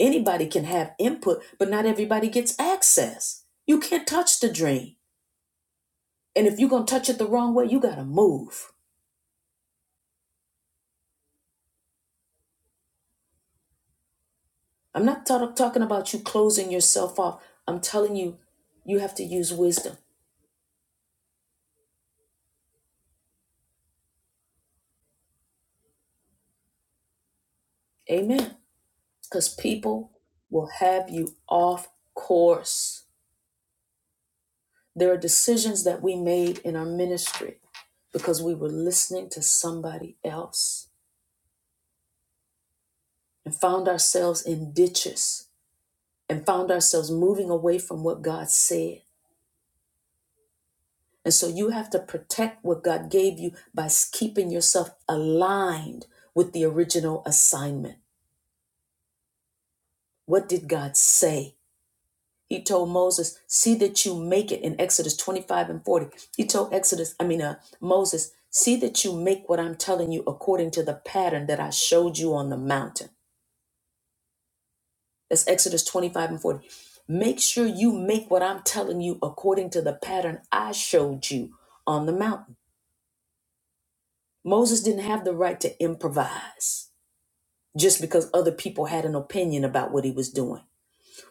Speaker 1: Anybody can have input, but not everybody gets access. You can't touch the dream. And if you're going to touch it the wrong way, you got to move. I'm not ta- talking about you closing yourself off. I'm telling you, you have to use wisdom. Amen. Because people will have you off course. There are decisions that we made in our ministry because we were listening to somebody else and found ourselves in ditches and found ourselves moving away from what God said. And so you have to protect what God gave you by keeping yourself aligned with the original assignment. What did God say? He told Moses, "See that you make it." In Exodus 25 and 40, he told Exodus, I mean, uh, Moses, "See that you make what I'm telling you according to the pattern that I showed you on the mountain." That's Exodus 25 and 40. Make sure you make what I'm telling you according to the pattern I showed you on the mountain. Moses didn't have the right to improvise. just because other people had an opinion about what he was doing.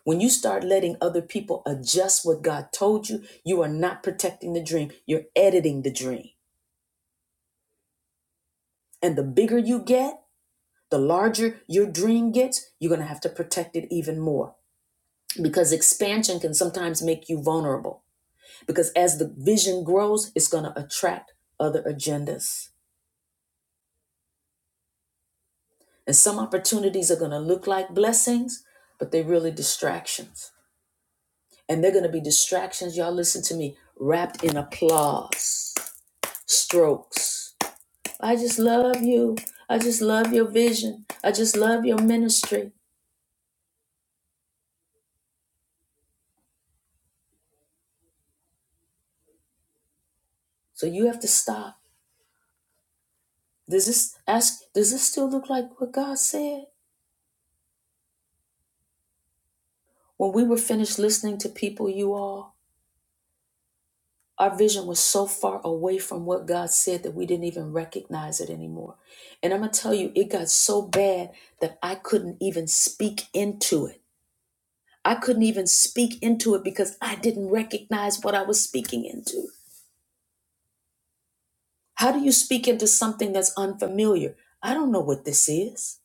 Speaker 1: When you start letting other people adjust what God told you, you are not protecting the dream, you're editing the dream. And the bigger you get, the larger your dream gets, you're going to have to protect it even more because expansion can sometimes make you vulnerable. Because as the vision grows, it's going to attract other agendas. And some opportunities are going to look like blessings, but they're really distractions. And they're going to be distractions, y'all listen to me, wrapped in applause, strokes. I just love you. I just love your vision. I just love your ministry. So you have to stop. Does this ask does this still look like what God said? When we were finished listening to people you all, our vision was so far away from what God said that we didn't even recognize it anymore. And I'm going to tell you it got so bad that I couldn't even speak into it. I couldn't even speak into it because I didn't recognize what I was speaking into. How do you speak into something that's unfamiliar? I don't know what this is.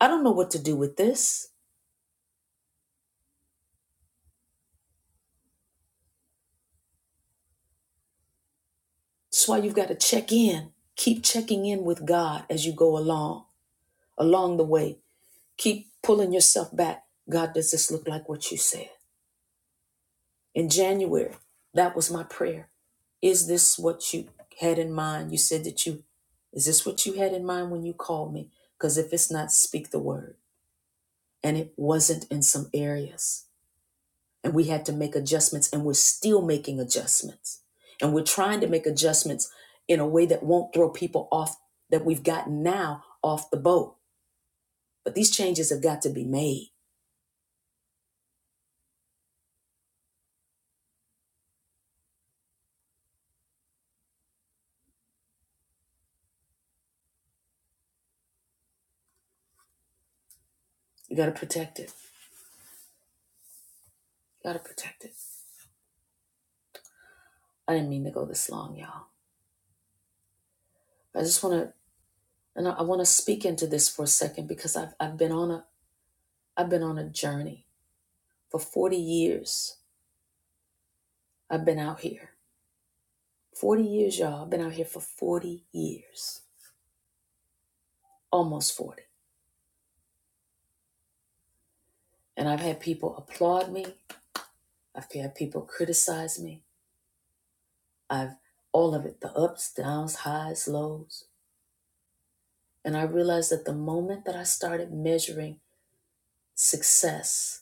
Speaker 1: I don't know what to do with this. That's why you've got to check in. Keep checking in with God as you go along, along the way. Keep pulling yourself back. God, does this look like what you said? in January. That was my prayer. Is this what you had in mind? You said that you, is this what you had in mind when you called me? Because if it's not, speak the word. And it wasn't in some areas. And we had to make adjustments, and we're still making adjustments. And we're trying to make adjustments in a way that won't throw people off that we've gotten now off the boat. But these changes have got to be made. You got to protect it. You got to protect it. I didn't mean to go this long, y'all. I just want to And I, I want to speak into this for a second because I've I've been on a I've been on a journey for 40 years. I've been out here. 40 years, y'all. I've been out here for 40 years. Almost 40. And I've had people applaud me. I've had people criticize me. I've all of it, the ups, downs, highs, lows. And I realized that the moment that I started measuring success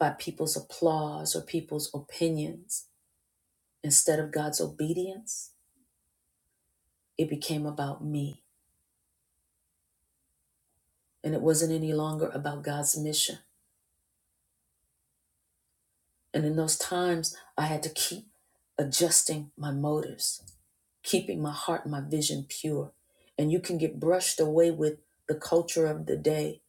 Speaker 1: by people's applause or people's opinions instead of God's obedience, It became about me, and it wasn't any longer about God's mission. And in those times, I had to keep adjusting my motives, keeping my heart and my vision pure. And you can get brushed away with the culture of the day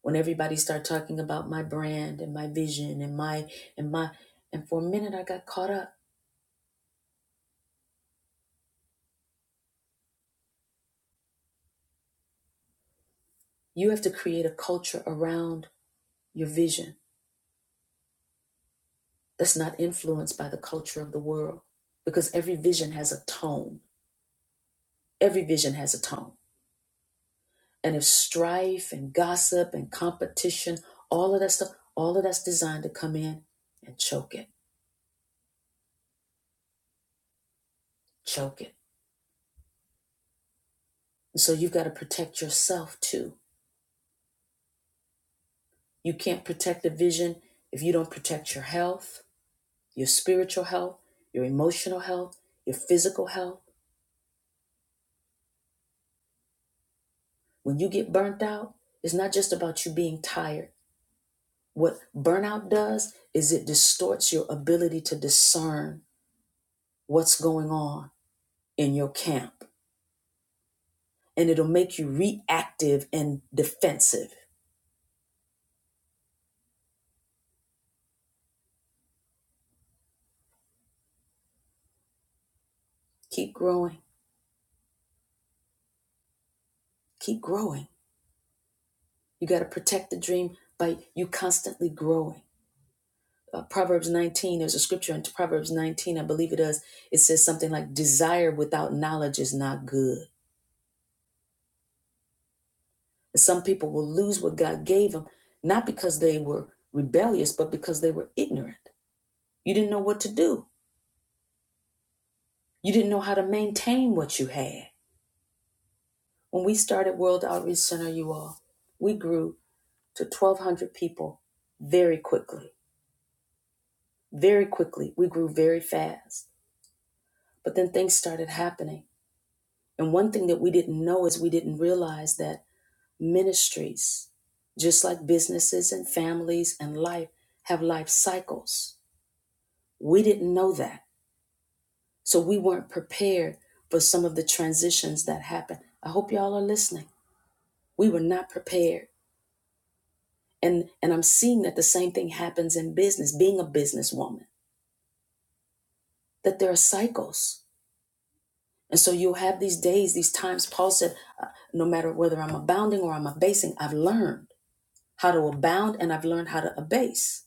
Speaker 1: when everybody start talking about my brand and my vision and my and my and for a minute I got caught up. You have to create a culture around your vision that's not influenced by the culture of the world because every vision has a tone. Every vision has a tone. and of strife and gossip and competition, all of that stuff, all of that's designed to come in and choke it, choke it. And so you've got to protect yourself too. You can't protect the vision if you don't protect your health, your spiritual health, your emotional health, your physical health. When you get burnt out, it's not just about you being tired. What burnout does is it distorts your ability to discern what's going on in your camp and it'll make you reactive and defensive. Keep growing, keep growing. You got to protect the dream by you constantly growing. Uh, Proverbs 19, there's a scripture in Proverbs 19, I believe it does. It says something like, Desire without knowledge is not good. And Some people will lose what God gave them, not because they were rebellious, but because they were ignorant. You didn't know what to do, you didn't know how to maintain what you had. When we started World Outreach Center, you all, we grew to 1,200 people very quickly. Very quickly. We grew very fast. But then things started happening. And one thing that we didn't know is we didn't realize that ministries, just like businesses and families and life, have life cycles. We didn't know that. So we weren't prepared for some of the transitions that happened. I hope y'all are listening. We were not prepared. And and I'm seeing that the same thing happens in business, being a businesswoman, that there are cycles And so you'll have these days, these times. Paul said, uh, no matter whether I'm abounding or I'm abasing, I've learned how to abound and I've learned how to abase.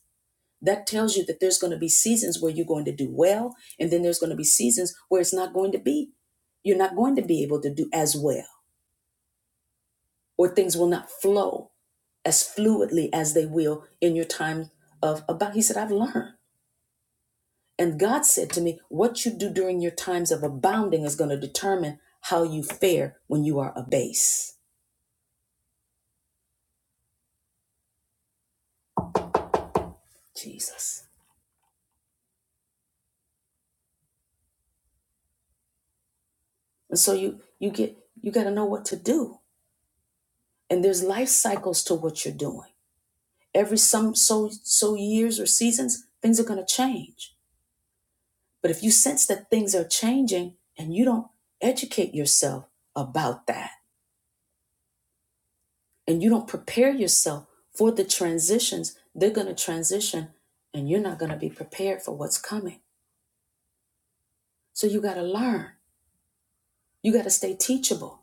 Speaker 1: That tells you that there's going to be seasons where you're going to do well, and then there's going to be seasons where it's not going to be. You're not going to be able to do as well, or things will not flow as fluidly as they will in your time of about. He said, I've learned. And God said to me, What you do during your times of abounding is going to determine how you fare when you are abase. Jesus. And so you you get you got to know what to do. And there's life cycles to what you're doing. Every some so so years or seasons, things are going to change. But if you sense that things are changing and you don't educate yourself about that and you don't prepare yourself for the transitions, they're going to transition and you're not going to be prepared for what's coming. So you got to learn. You got to stay teachable.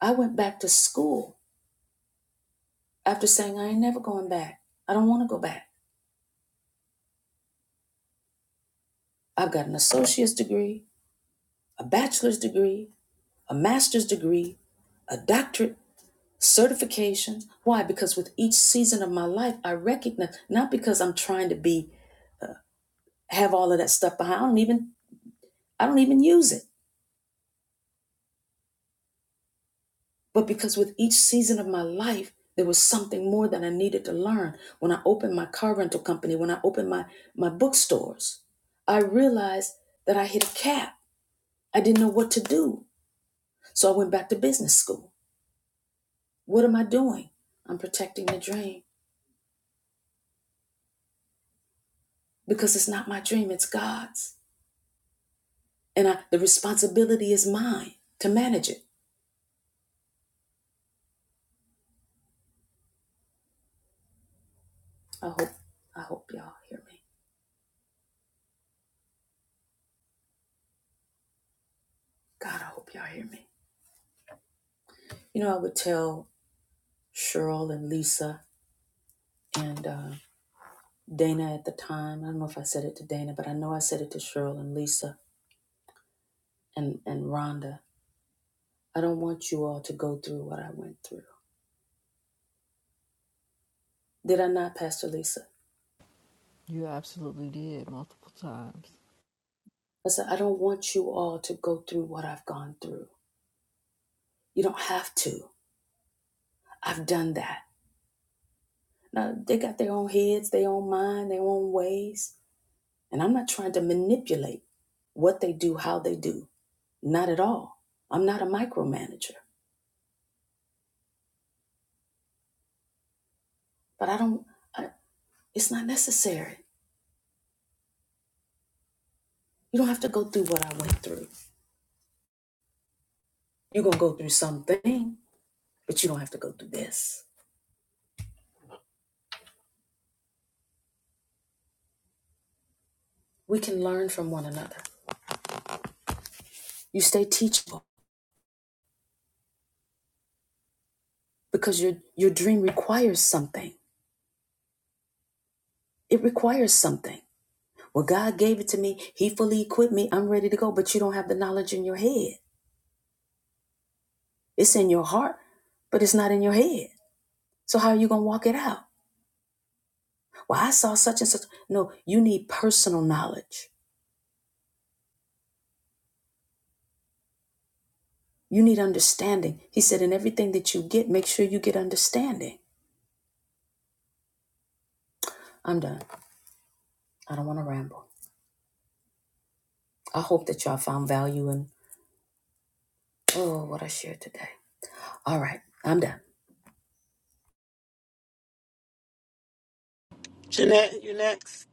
Speaker 1: I went back to school after saying, I ain't never going back. I don't want to go back. I've got an associate's degree, a bachelor's degree, a master's degree, a doctorate, certifications. Why? Because with each season of my life, I recognize not because I'm trying to be have all of that stuff behind. I don't even I don't even use it. But because with each season of my life, there was something more that I needed to learn. When I opened my car rental company, when I opened my my bookstores, I realized that I hit a cap. I didn't know what to do. So I went back to business school. What am I doing? I'm protecting the dream because it's not my dream, it's God's. And I, the responsibility is mine to manage it. I hope, I hope y'all hear me. God, I hope y'all hear me. You know, I would tell Cheryl and Lisa and uh, Dana at the time. I don't know if I said it to Dana, but I know I said it to Cheryl and Lisa and, and Rhonda. I don't want you all to go through what I went through. Did I not, Pastor Lisa? I said, I don't want you all to go through what I've gone through. You don't have to. I've done that. Now, they got their own heads, their own mind, their own ways. And I'm not trying to manipulate what they do, how they do. Not at all. I'm not a micromanager. But I don't, I, it's not necessary. You don't have to go through what I went through. You're going to go through something, but you don't have to go through this. We can learn from one another. You stay teachable because your, your dream requires something. It requires something. Well, God gave it to me. He fully equipped me. I'm ready to go. But you don't have the knowledge in your head. It's in your heart, but it's not in your head. So how are you going to walk it out? Well, I saw such and such. No, you need personal knowledge. You need understanding. He said, in everything that you get, make sure you get understanding. I'm done. I don't want to ramble. I hope that y'all found value in, oh, what I shared today. All right, I'm done.
Speaker 2: Jeanette, you next.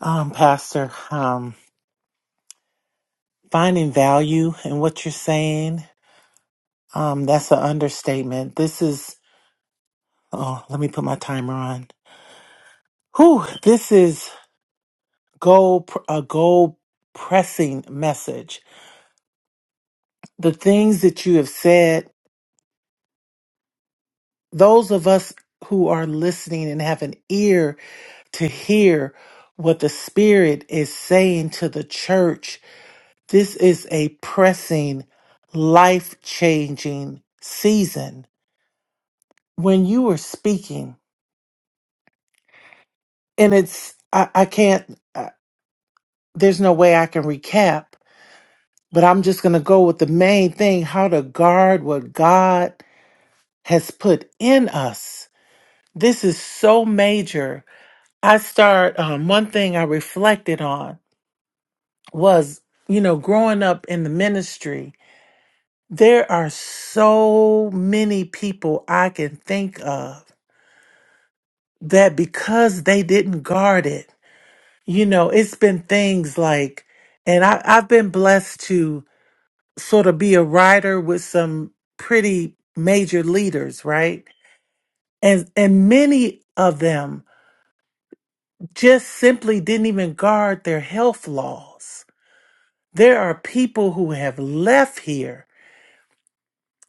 Speaker 5: um, Pastor. Um, finding value in what you're saying. Um, that's an understatement. This is. Oh, let me put my timer on. Whew, this is goal a goal pressing message. The things that you have said, those of us who are listening and have an ear to hear what the Spirit is saying to the church This is a pressing, life changing season. When you were speaking, and it's, I, I can't, uh, there's no way I can recap, but I'm just going to go with the main thing how to guard what God has put in us. This is so major. I start, um, one thing I reflected on was, you know, growing up in the ministry, there are so many people I can think of that because they didn't guard it, you know, it's been things like, and I, I've been blessed to sort of be a writer with some pretty major leaders, right? And and many of them just simply didn't even guard their health laws. There are people who have left here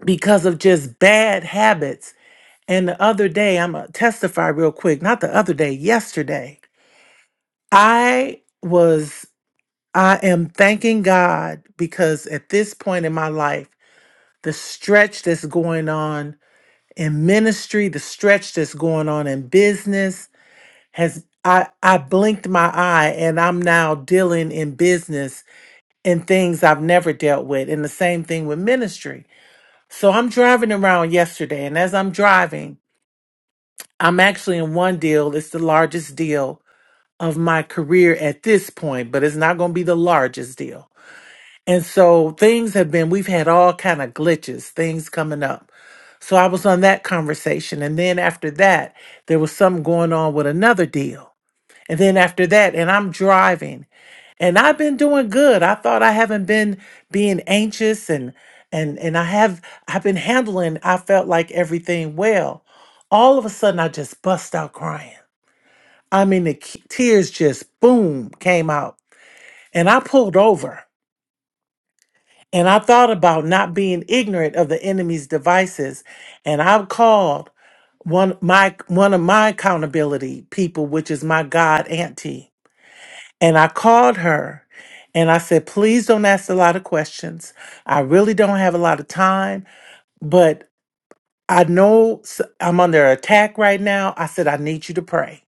Speaker 5: because of just bad habits. And the other day, I'm gonna testify real quick, not the other day, yesterday, I was I am thanking God because at this point in my life, the stretch that's going on in ministry, the stretch that's going on in business has I, I blinked my eye and I'm now dealing in business in things I've never dealt with. And the same thing with ministry. So I'm driving around yesterday, and as I'm driving, I'm actually in one deal. It's the largest deal of my career at this point, but it's not going to be the largest deal And so things have been, we've had all kind of glitches, things coming up. So I was on that conversation. And then after that, there was something going on with another deal. And then after that, and I'm driving and I've been doing good. I thought I haven't been being anxious and, and, and I have, I've been handling, I felt like everything well. All of a sudden I just bust out crying. I mean, the k- tears just boom came out and I pulled over And I thought about not being ignorant of the enemy's devices. And I called one my one of my accountability people, which is my God auntie. And I called her and I said, please don't ask a lot of questions. I really don't have a lot of time, but I know s- I'm under attack right now. I said, I need you to pray.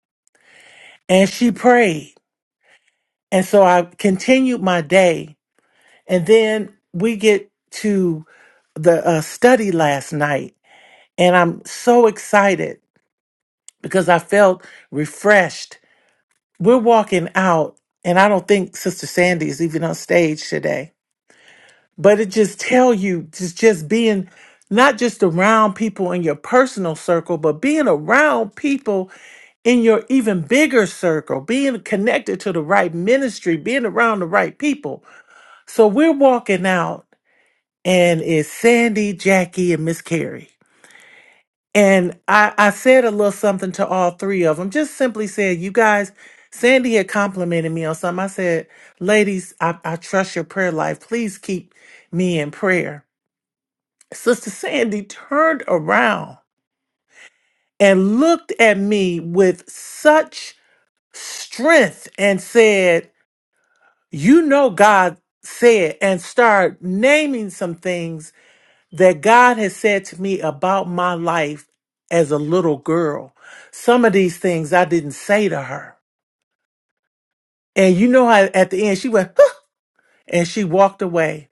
Speaker 5: And she prayed. And so I continued my day. And then we get to the uh, study last night And I'm so excited because I felt refreshed. We're walking out, and I don't think Sister Sandy is even on stage today. But it just tell you just just being not just around people in your personal circle, but being around people in your even bigger circle, being connected to the right ministry, being around the right people. So we're walking out, and it's Sandy, Jackie, and Miss Carrie. And I, I said a little something to all three of them. Just simply said, you guys, Sandy had complimented me on something. I said, ladies, I, I trust your prayer life. Please keep me in prayer. Sister Sandy turned around and looked at me with such strength and said, you know, God said, and start naming some things that God has said to me about my life as a little girl. Some of these things I didn't say to her. And you know how at the end she went, "Huh," and she walked away.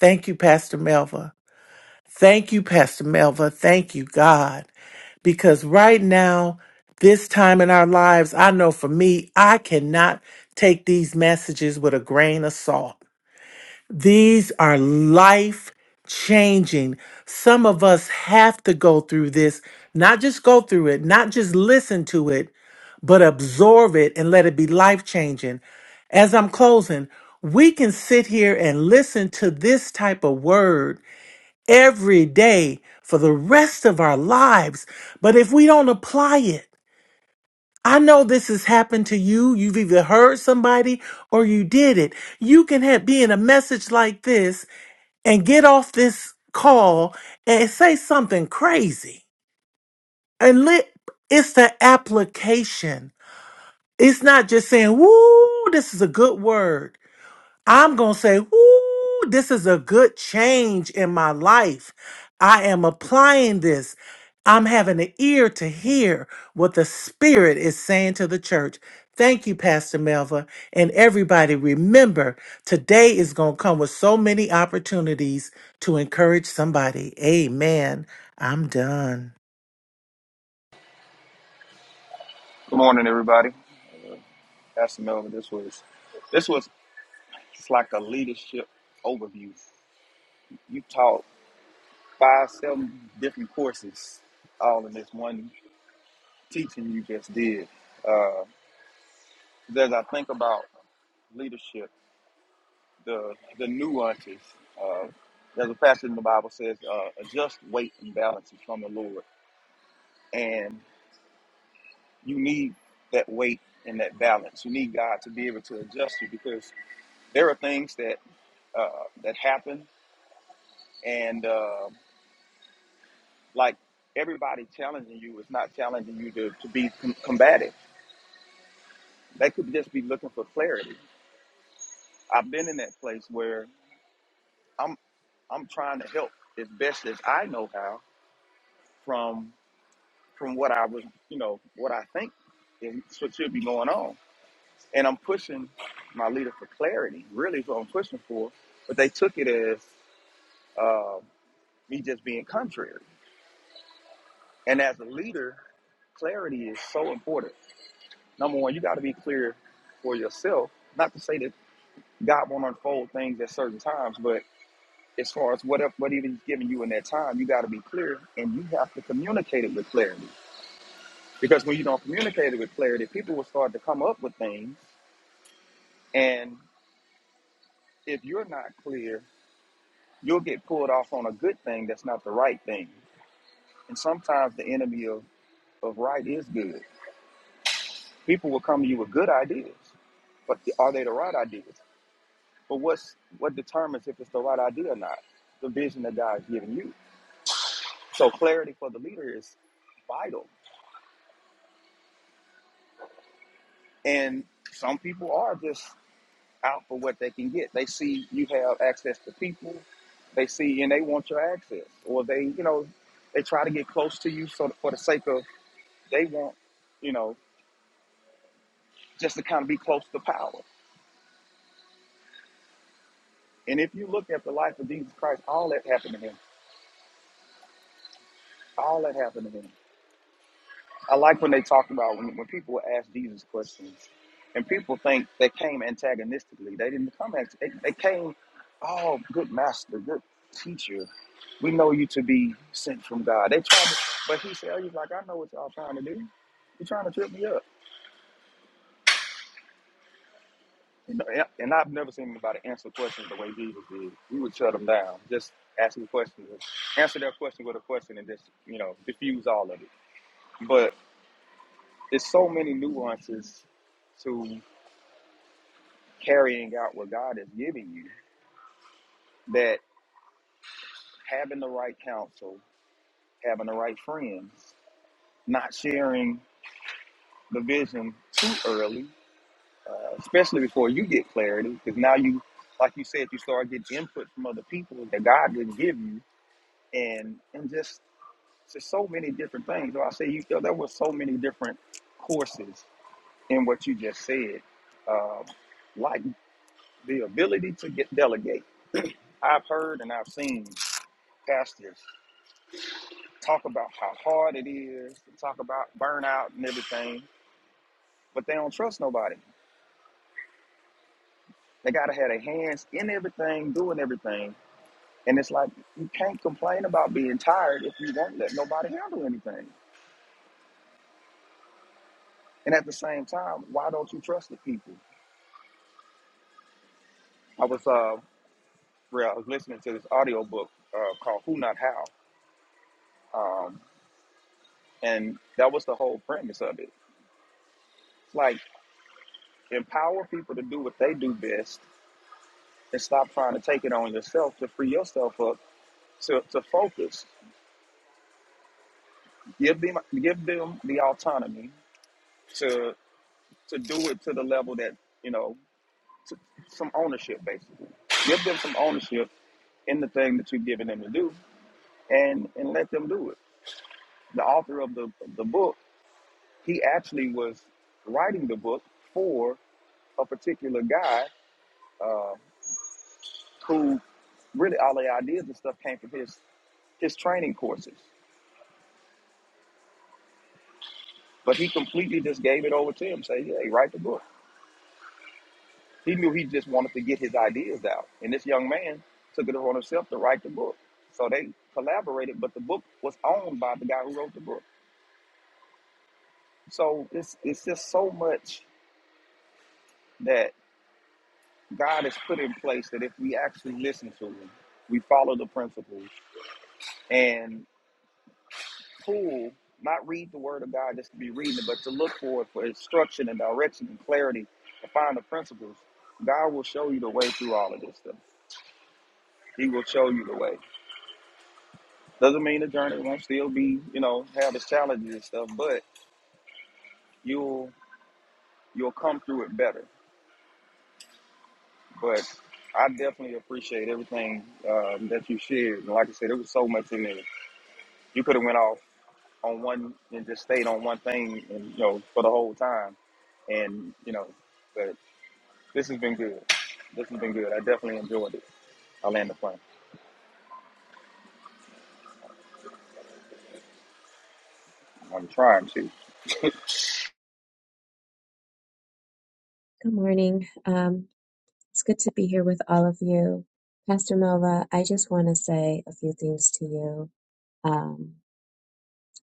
Speaker 5: Thank you, Pastor Melva. Thank you, Pastor Melva. Thank you, God. Because right now, this time in our lives, I know for me, I cannot take these messages with a grain of salt. These are life changing. Some of us have to go through this, not just go through it, not just listen to it, but absorb it and let it be life changing. As I'm closing, we can sit here and listen to this type of word every day for the rest of our lives. But if we don't apply it, I know this has happened to you. You've either heard somebody or you did it. You can have, be in a message like this and get off this call and say something crazy. And let it's the application. It's not just saying, woo, this is a good word. I'm going to say, ooh, this is a good change in my life. I am applying this. I'm having an ear to hear what the Spirit is saying to the church. Thank you, Pastor Melva. And everybody, remember, today is going to come with so many opportunities to encourage somebody. Amen. I'm done.
Speaker 4: Good morning, everybody. Pastor Melvin, this was this was it's like a leadership overview. You taught five, seven different courses all in this one teaching you just did. As I think about leadership, the the nuances. Uh, there's a passage in the Bible says, uh, "Adjust weight and balance is from the Lord," and you need that weight and that balance. You need God to be able to adjust you because there are things that uh, that happen and. uh, Like everybody challenging you is not challenging you to, to be com- combative. They could just be looking for clarity. I've been in that place where I'm I'm trying to help as best as I know how from from what I was you know what I think is what should be going on, and I'm pushing my leader for clarity. Really, is what I'm pushing for, but they took it as uh, me just being contrary. And as a leader, clarity is so important Number one, you got to be clear for yourself. Not to say that God won't unfold things at certain times, but as far as what whatever He's giving you in that time, you got to be clear, and you have to communicate it with clarity. Because when you don't communicate it with clarity, people will start to come up with things, and if you're not clear, you'll get pulled off on a good thing that's not the right thing. And sometimes the enemy of, of right is good. People will come to you with good ideas, but are they the right ideas? But what's what determines if it's the right idea or not? The vision that God's given you. So clarity for the leader is vital. And some people are just out for what they can get. They see you have access to people. They see and they want your access, or they you know they try to get close to you so for the sake of they want you know just to kind of be close to power. And if you look at the life of Jesus Christ, all that happened to him. All that happened to him. I like when they talk about when, when people ask Jesus questions, and people think they came antagonistically. They didn't come as they, they came, oh, good master, good teacher. We know you to be sent from God. They tried, to, but he said, he's like, I know what y'all trying to do. You're trying to trip me up. You know, and and I've never seen anybody answer questions the way Jesus did. We would shut them down, just ask them questions, answer their question with a question, and just you know diffuse all of it. But there's so many nuances to carrying out what God is giving you, that having the right counsel, having the right friends, not sharing the vision too early, uh, especially before you get clarity, because now you, like you said, you start getting input from other people that God didn't give you, and and just just so many different things. So I say you feel there were so many different courses in what you just said, Um like the ability to get delegate. I've heard and I've seen pastors talk about how hard it is, talk about burnout and everything, but they don't trust nobody. They gotta have their hands in everything, doing everything. And it's like you can't complain about being tired if you won't let nobody handle anything. And at the same time, why don't you trust the people? I was uh re- I was listening to this audiobook uh, called Who Not How. Um, and that was the whole premise of it. It's like empower people to do what they do best and stop trying to take it on yourself to free yourself up to, to focus, give them give them the autonomy to to do it to the level that you know to, some ownership basically. Give them some ownership in the thing that you've given them to do, and and let them do it. The author of the the book, he actually was writing the book for a particular guy uh, who really all the ideas and stuff came from his his training courses, but he completely just gave it over to him. Say, hey, write the book He knew he just wanted to get his ideas out. And this young man took it upon himself to write the book. So they collaborated, but the book was owned by the guy who wrote the book. So it's it's just so much that God has put in place that if we actually listen to him, we follow the principles and pull, not read the word of God just to be reading it, but to look for it for instruction and direction and clarity to find the principles. God will show you the way through all of this stuff. He will show you the way. Doesn't mean the journey won't still be, you know, have its challenges and stuff, but you'll you'll come through it better. But I definitely appreciate everything uh, that you shared. And like I said, there was so much in there. You could have went off on one and just stayed on one thing, and you know, for the whole time. And you know, but this has been good. This has been good. I definitely enjoyed it. I land the plane. I'm trying to.
Speaker 7: Good morning. Um, it's good to be here with all of you. Pastor Melva, I just want to say a few things to you. Um,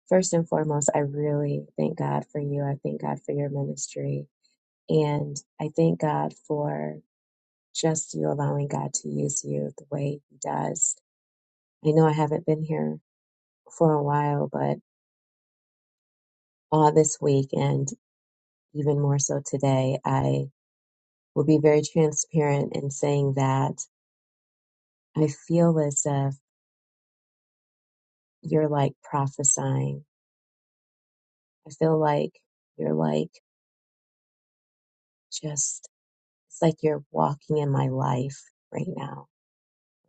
Speaker 7: first and foremost, I really thank God for you. I thank God for your ministry. And I thank God for just you allowing God to use you the way He does. I know I haven't been here for a while, but all this week and even more so today, I will be very transparent in saying that I feel as if you're like prophesying. I feel like you're like just, it's like you're walking in my life right now,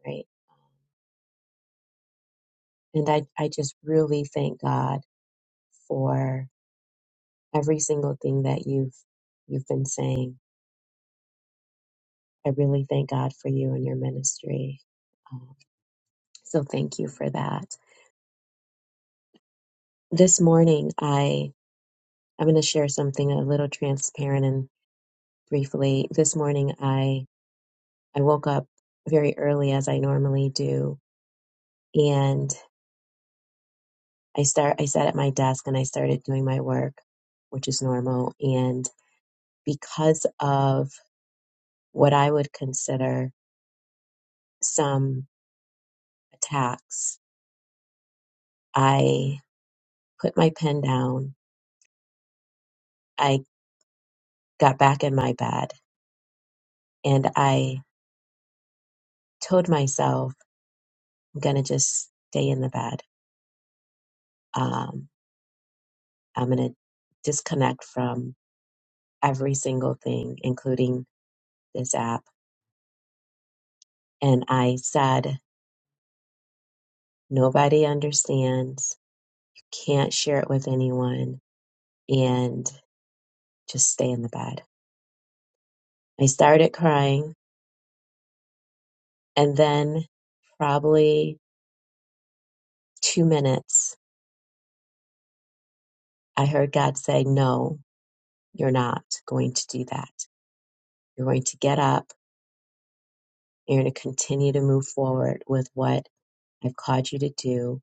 Speaker 7: right? And I, I just really thank God for every single thing that you've, you've been saying. I really thank God for you and your ministry. Um, so thank you for that. This morning, I, I'm going to share something a little transparent and briefly. This morning, I, I woke up very early as I normally do and I start I sat at my desk and I started doing my work, which is normal, and because of what I would consider some attacks, I put my pen down. I got back in my bed and I told myself I'm going to just stay in the bed. Um, I'm going to disconnect from every single thing including this app and I said nobody understands can't share it with anyone and just stay in the bed. I started crying and then probably two minutes, I heard God say, no, you're not going to do that. You're going to get up. You're going to continue to move forward with what I've called you to do.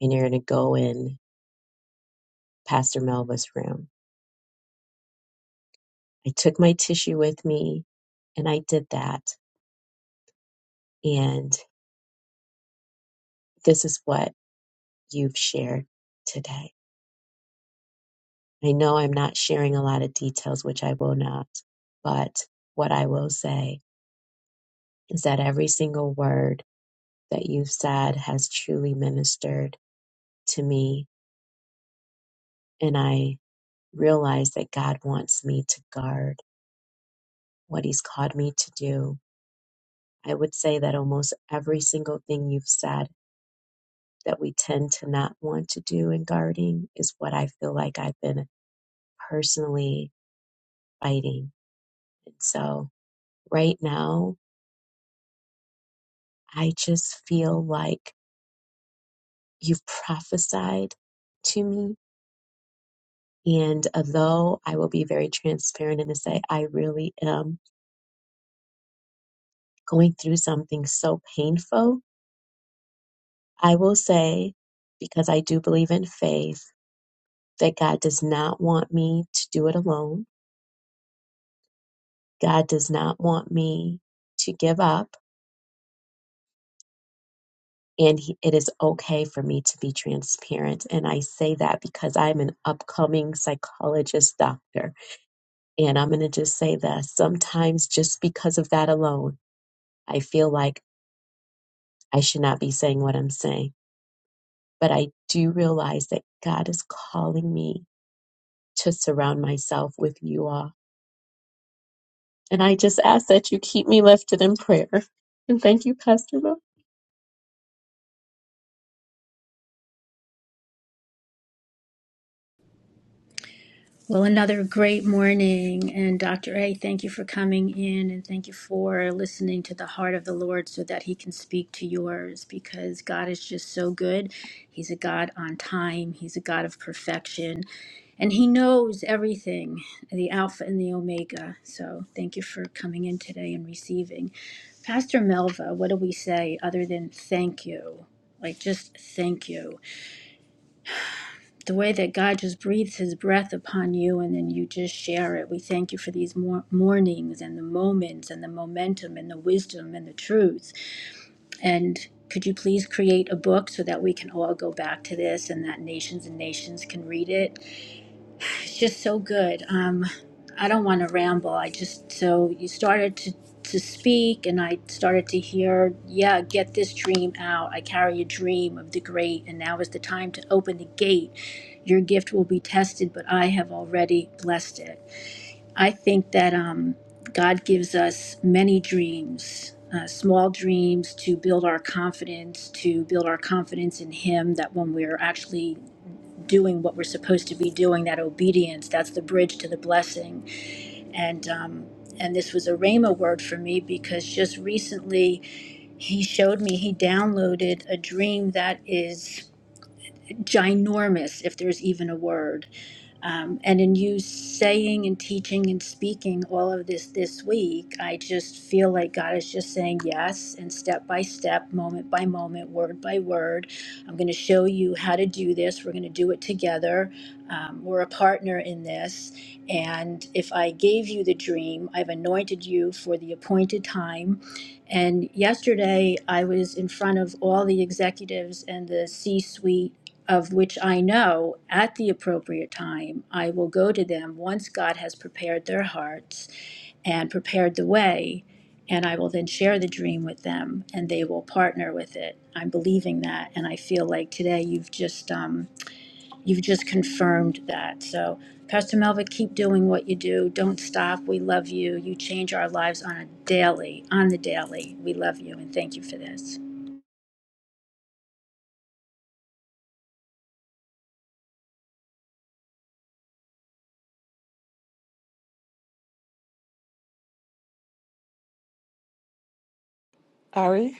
Speaker 7: And you're going to go in Pastor Melva's room. I took my tissue with me and I did that. And this is what you've shared today. I know I'm not sharing a lot of details, which I will not, but what I will say is that every single word that you've said has truly ministered to me. And I realize that God wants me to guard what He's called me to do. I would say that almost every single thing you've said that we tend to not want to do in guarding is what I feel like I've been personally fighting. And so right now, I just feel like you've prophesied to me. And although I will be very transparent and to say I really am going through something so painful, I will say, because I do believe in faith, that God does not want me to do it alone. God does not want me to give up. And he, it is okay for me to be transparent. And I say that because I'm an upcoming psychologist doctor. And I'm going to just say that sometimes just because of that alone, I feel like I should not be saying what I'm saying. But I do realize that God is calling me to surround myself with you all. And I just ask that you keep me lifted in prayer. And thank you, Pastor Mel.
Speaker 3: Well, another great morning. And Dr. A, thank you for coming in and thank you for listening to the heart of the Lord so that he can speak to yours because God is just so good. He's a God on time, He's a God of perfection, and He knows everything the Alpha and the Omega. So thank you for coming in today and receiving. Pastor Melva, what do we say other than thank you? Like, just thank you. the way that God just breathes his breath upon you and then you just share it. We thank you for these mor- mornings and the moments and the momentum and the wisdom and the truth. And could you please create a book so that we can all go back to this and that nations and nations can read it? It's just so good. Um, I don't want to ramble. I just so you started to to speak, and I started to hear, yeah, get this dream out. I carry a dream of the great, and now is the time to open the gate. Your gift will be tested, but I have already blessed it. I think that um, God gives us many dreams. Uh, small dreams to build our confidence, to build our confidence in Him, that when we're actually doing what we're supposed to be doing, that obedience, that's the bridge to the blessing. And um, and this was a Rhema word for me because just recently he showed me, he downloaded a dream that is ginormous, if there's even a word. Um, and in you saying and teaching and speaking all of this this week, I just feel like God is just saying yes, and step by step, moment by moment, word by word. I'm going to show you how to do this. We're going to do it together. Um, we're a partner in this. And if I gave you the dream, I've anointed you for the appointed time. And yesterday, I was in front of all the executives and the C suite of which I know at the appropriate time I will go to them once God has prepared their hearts and prepared the way. And I will then share the dream with them and they will partner with it. I'm believing that. And I feel like today you've just, um, you've just confirmed that. So, Pastor Melva, keep doing what you do. Don't stop. We love you. You change our lives on a daily, on the daily. We love you and thank you for this.
Speaker 2: Ari?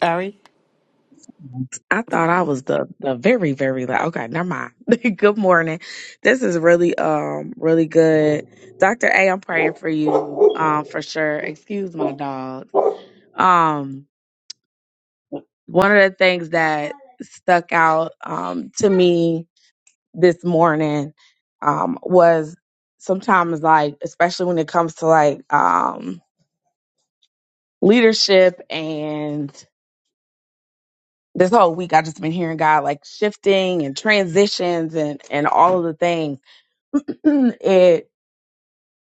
Speaker 2: Ari?
Speaker 6: I thought I was the the very very loud. Okay, never mind. *laughs* good morning. This is really um really good, Doctor A. I'm praying for you um for sure. Excuse my dog. Um, one of the things that stuck out um to me this morning um was sometimes like especially when it comes to like um. leadership and this whole week I just been hearing God like shifting and transitions and and all of the things. *clears throat* it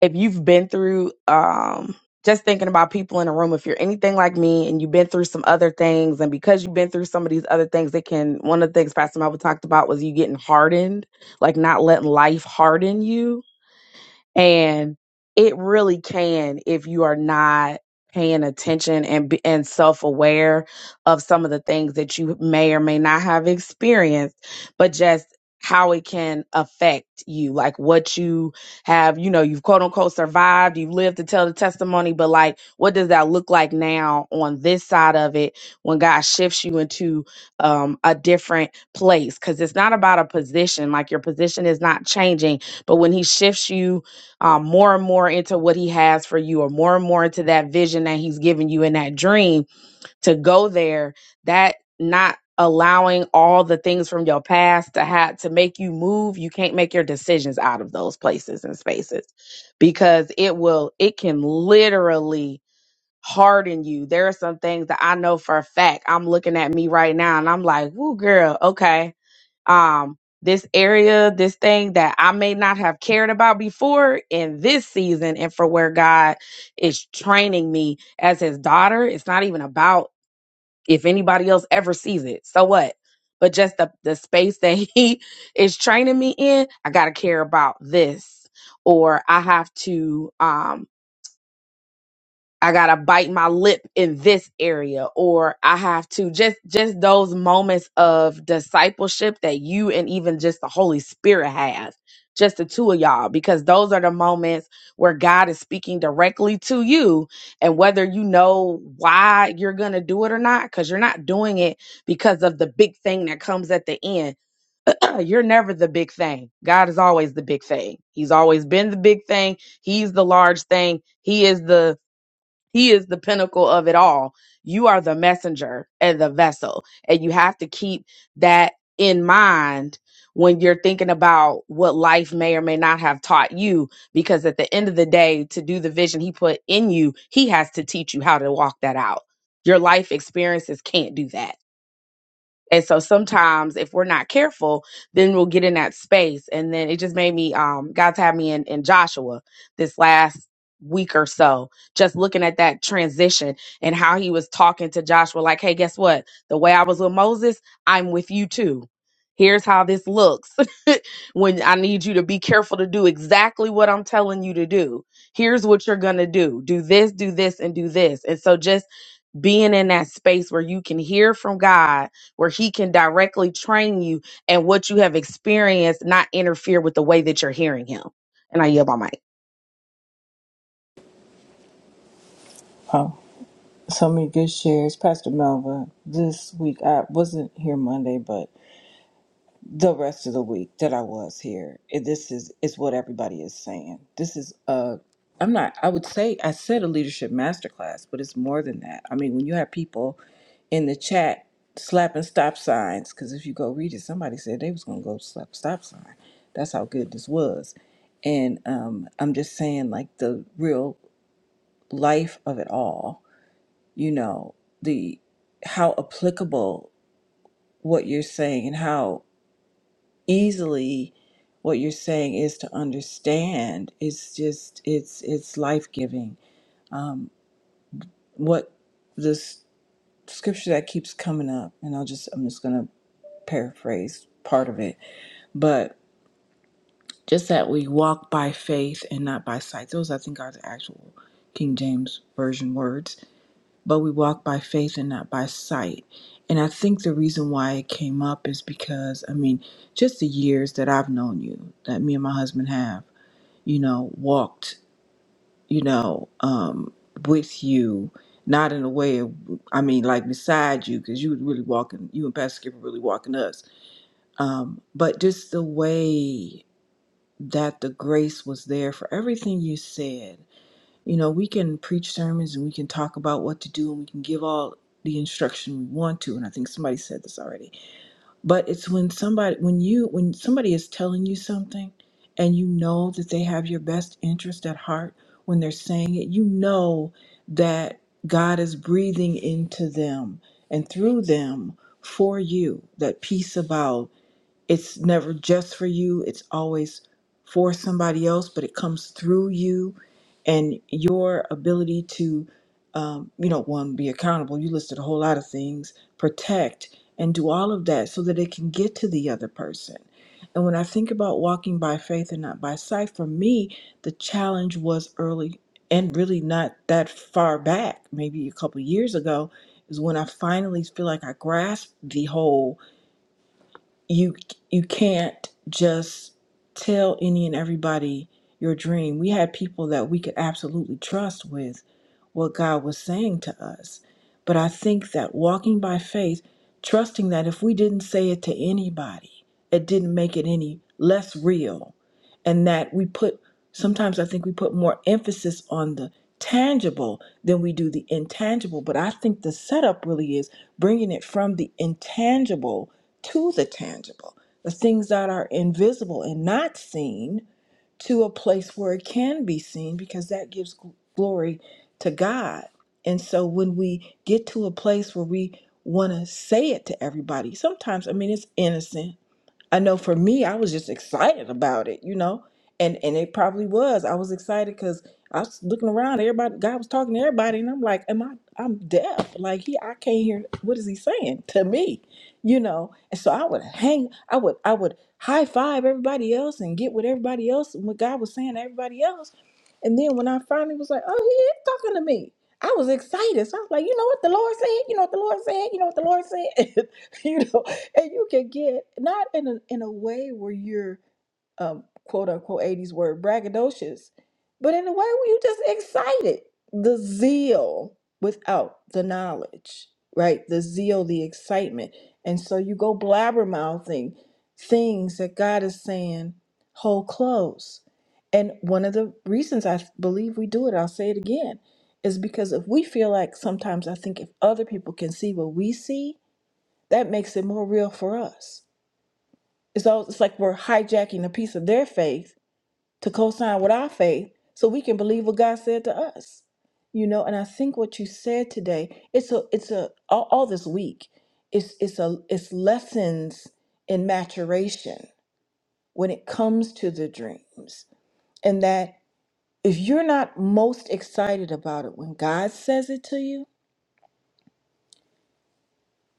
Speaker 6: if you've been through um just thinking about people in a room, if you're anything like me and you've been through some other things, and because you've been through some of these other things, it can one of the things Pastor Melvin talked about was you getting hardened, like not letting life harden you and it really can if you are not paying attention and be- and self-aware of some of the things that you may or may not have experienced but just how it can affect you like what you have you know you've quote unquote survived you've lived to tell the testimony but like what does that look like now on this side of it when god shifts you into um, a different place because it's not about a position like your position is not changing but when he shifts you um, more and more into what he has for you or more and more into that vision that he's given you in that dream to go there that not allowing all the things from your past to have to make you move you can't make your decisions out of those places and spaces because it will it can literally harden you there are some things that i know for a fact i'm looking at me right now and i'm like woo, girl okay um this area this thing that i may not have cared about before in this season and for where god is training me as his daughter it's not even about if anybody else ever sees it so what but just the, the space that *laughs* he is training me in i gotta care about this or i have to um I gotta bite my lip in this area, or I have to just just those moments of discipleship that you and even just the Holy Spirit have, just the two of y'all, because those are the moments where God is speaking directly to you, and whether you know why you're gonna do it or not, because you're not doing it because of the big thing that comes at the end. *clears throat* you're never the big thing. God is always the big thing. He's always been the big thing. He's the large thing. He is the he is the pinnacle of it all. You are the messenger and the vessel. And you have to keep that in mind when you're thinking about what life may or may not have taught you. Because at the end of the day, to do the vision he put in you, he has to teach you how to walk that out. Your life experiences can't do that and so sometimes if we're not careful, then we'll get in that space. And then it just made me um God's had me in, in Joshua this last week or so, just looking at that transition and how he was talking to Joshua, like, hey, guess what? The way I was with Moses, I'm with you too. Here's how this looks *laughs* when I need you to be careful to do exactly what I'm telling you to do. Here's what you're going to do do this, do this, and do this. And so, just being in that space where you can hear from God, where He can directly train you and what you have experienced, not interfere with the way that you're hearing Him. And I yield my mic.
Speaker 8: Oh, so many good shares, Pastor Melva. This week I wasn't here Monday, but the rest of the week that I was here, it- this is is what everybody is saying. This is a I'm not. I would say I said a leadership masterclass, but it's more than that. I mean, when you have people in the chat slapping stop signs, because if you go read it, somebody said they was gonna go slap a stop sign. That's how good this was. And um, I'm just saying, like the real life of it all you know the how applicable what you're saying and how easily what you're saying is to understand it's just it's it's life-giving um what this scripture that keeps coming up and i'll just i'm just gonna paraphrase part of it but just that we walk by faith and not by sight those i think are the actual king james version words but we walk by faith and not by sight. And I think the reason why it came up is because, I mean, just the years that I've known you, that me and my husband have, you know, walked, you know, um, with you, not in a way of, I mean, like beside you, because you was really walking, you and Pastor Skip were really walking us. Um, but just the way that the grace was there for everything you said you know, we can preach sermons and we can talk about what to do and we can give all the instruction we want to and I think somebody said this already. But it's when somebody when you when somebody is telling you something and you know that they have your best interest at heart when they're saying it, you know that God is breathing into them and through them for you that peace about. It's never just for you, it's always for somebody else, but it comes through you and your ability to, um, you know, one, be accountable. You listed a whole lot of things, protect, and do all of that so that it can get to the other person. And when I think about walking by faith and not by sight, for me, the challenge was early and really not that far back, maybe a couple years ago, is when I finally feel like I grasped the whole you you can't just tell any and everybody your dream. We had people that we could absolutely trust with what God was saying to us. But I think that walking by faith, trusting that if we didn't say it to anybody, it didn't make it any less real and that we put sometimes I think we put more emphasis on the tangible than we do the intangible. But I think the setup really is bringing it from the intangible to the tangible, the things that are invisible and not seen to a place where it can be seen because that gives gl- glory to God. And so when we get to a place where we want to say it to everybody, sometimes, I mean, it's innocent I know for me, I was just excited about it, you know, and and it probably was. I was excited because I was looking around, everybody, God was talking to everybody, and I'm like, am I? I'm deaf. Like he, I can't hear. What is he saying to me? You know, and so I would hang, I would, I would high five everybody else and get what everybody else and what God was saying to everybody else. And then when I finally was like, oh, he is talking to me. I was excited. So I was like, you know what the Lord said? You know what the Lord said? You know what the Lord said? *laughs* you know, and you can get not in a in a way where you're um quote unquote 80s word braggadocious, but in a way where you just excited. The zeal without the knowledge, right? The zeal, the excitement. And so you go blabbermouthing things that God is saying, hold close. And one of the reasons I believe we do it, I'll say it again, is because if we feel like sometimes I think if other people can see what we see, that makes it more real for us. It's all it's like we're hijacking a piece of their faith to co-sign with our faith so we can believe what God said to us. You know, and I think what you said today, it's a it's a all, all this week, it's it's a it's lessons in maturation when it comes to the dreams. And that if you're not most excited about it when God says it to you,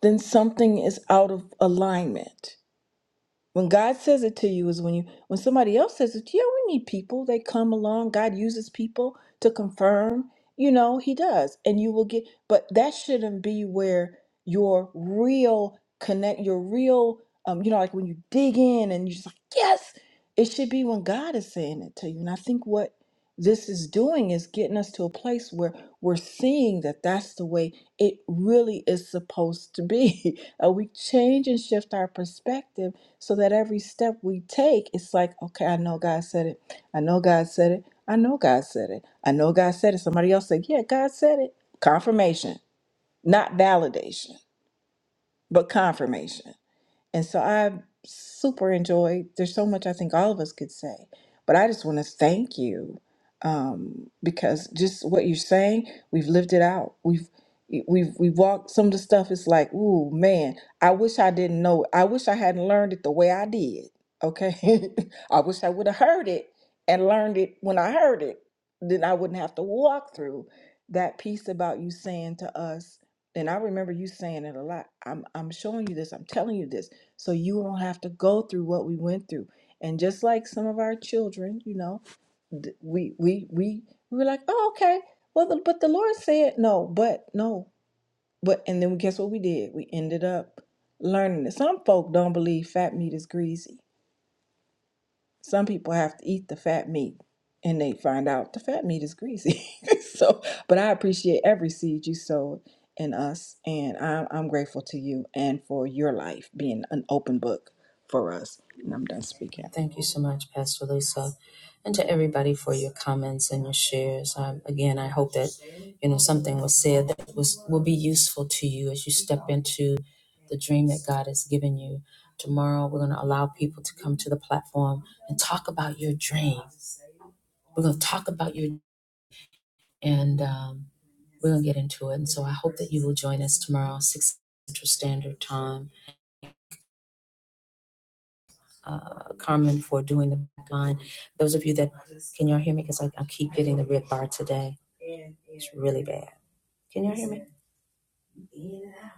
Speaker 8: then something is out of alignment When God says it to you is when you when somebody else says it, to you, yeah, we need people. They come along. God uses people to confirm, you know, he does. And you will get but that shouldn't be where your real connect your real um, you know, like when you dig in and you're just like, yes, it should be when God is saying it to you. And I think what this is doing is getting us to a place where we're seeing that that's the way it really is supposed to be. *laughs* Uh, we change and shift our perspective so that every step we take, it's like, okay, I know God said it. I know God said it. I know God said it. I know God said it. Somebody else said, yeah, God said it. Confirmation, not validation, but confirmation. And so I super enjoyed. There's so much I think all of us could say, but I just want to thank you um, because just what you're saying, we've lived it out. We've we've we walked some of the stuff. It's like, ooh man, I wish I didn't know. I wish I hadn't learned it the way I did. Okay, *laughs* I wish I would have heard it and learned it when I heard it. Then I wouldn't have to walk through that piece about you saying to us and I remember you saying it a lot. I'm I'm showing you this, I'm telling you this, so you won't have to go through what we went through. And just like some of our children, you know, th- we we we we were like, oh okay, well, the, but the Lord said no, but no, but and then guess what we did? We ended up learning that some folk don't believe fat meat is greasy some people have to eat the fat meat and they find out the fat meat is greasy. *laughs* so, but I appreciate every seed you sowed in us, and I'm, I'm grateful to you and for your life being an open book for us. And I'm done speaking.
Speaker 1: Thank you so much, Pastor Lisa, and to everybody for your comments and your shares. Um, again, I hope that you know something was said that was will be useful to you as you step into the dream that God has given you. Tomorrow, we're going to allow people to come to the platform and talk about your dream. We're going to talk about your and um, we're going to get into it. And so, I hope that you will join us tomorrow, six Central Standard Time uh, Carmen for doing the line. Those of you that, can y'all hear me? Because I, I keep getting the red bar today. It's really bad. Can y'all hear me?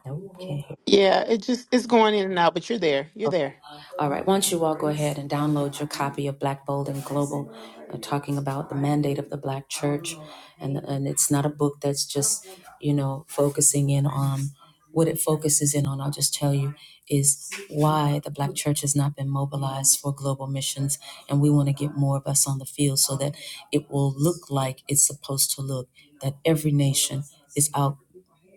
Speaker 1: No, can't hear
Speaker 2: Yeah. It just it's going in and out, but you're there. You're there.
Speaker 1: Okay. All right. Once you all go ahead and download your copy of Black Bold and Global, uh, talking about the mandate of the Black Church, and and it's not a book that's just you know focusing in on what it focuses in on. I'll just tell you is why the Black Church has not been mobilized for global missions, and we want to get more of us on the field so that it will look like it's supposed to look. That every nation is out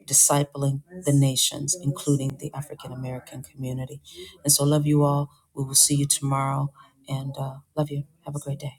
Speaker 1: discipling the nations, including the African American community. And so, love you all. We will see you tomorrow. And uh, love you. Have a great day.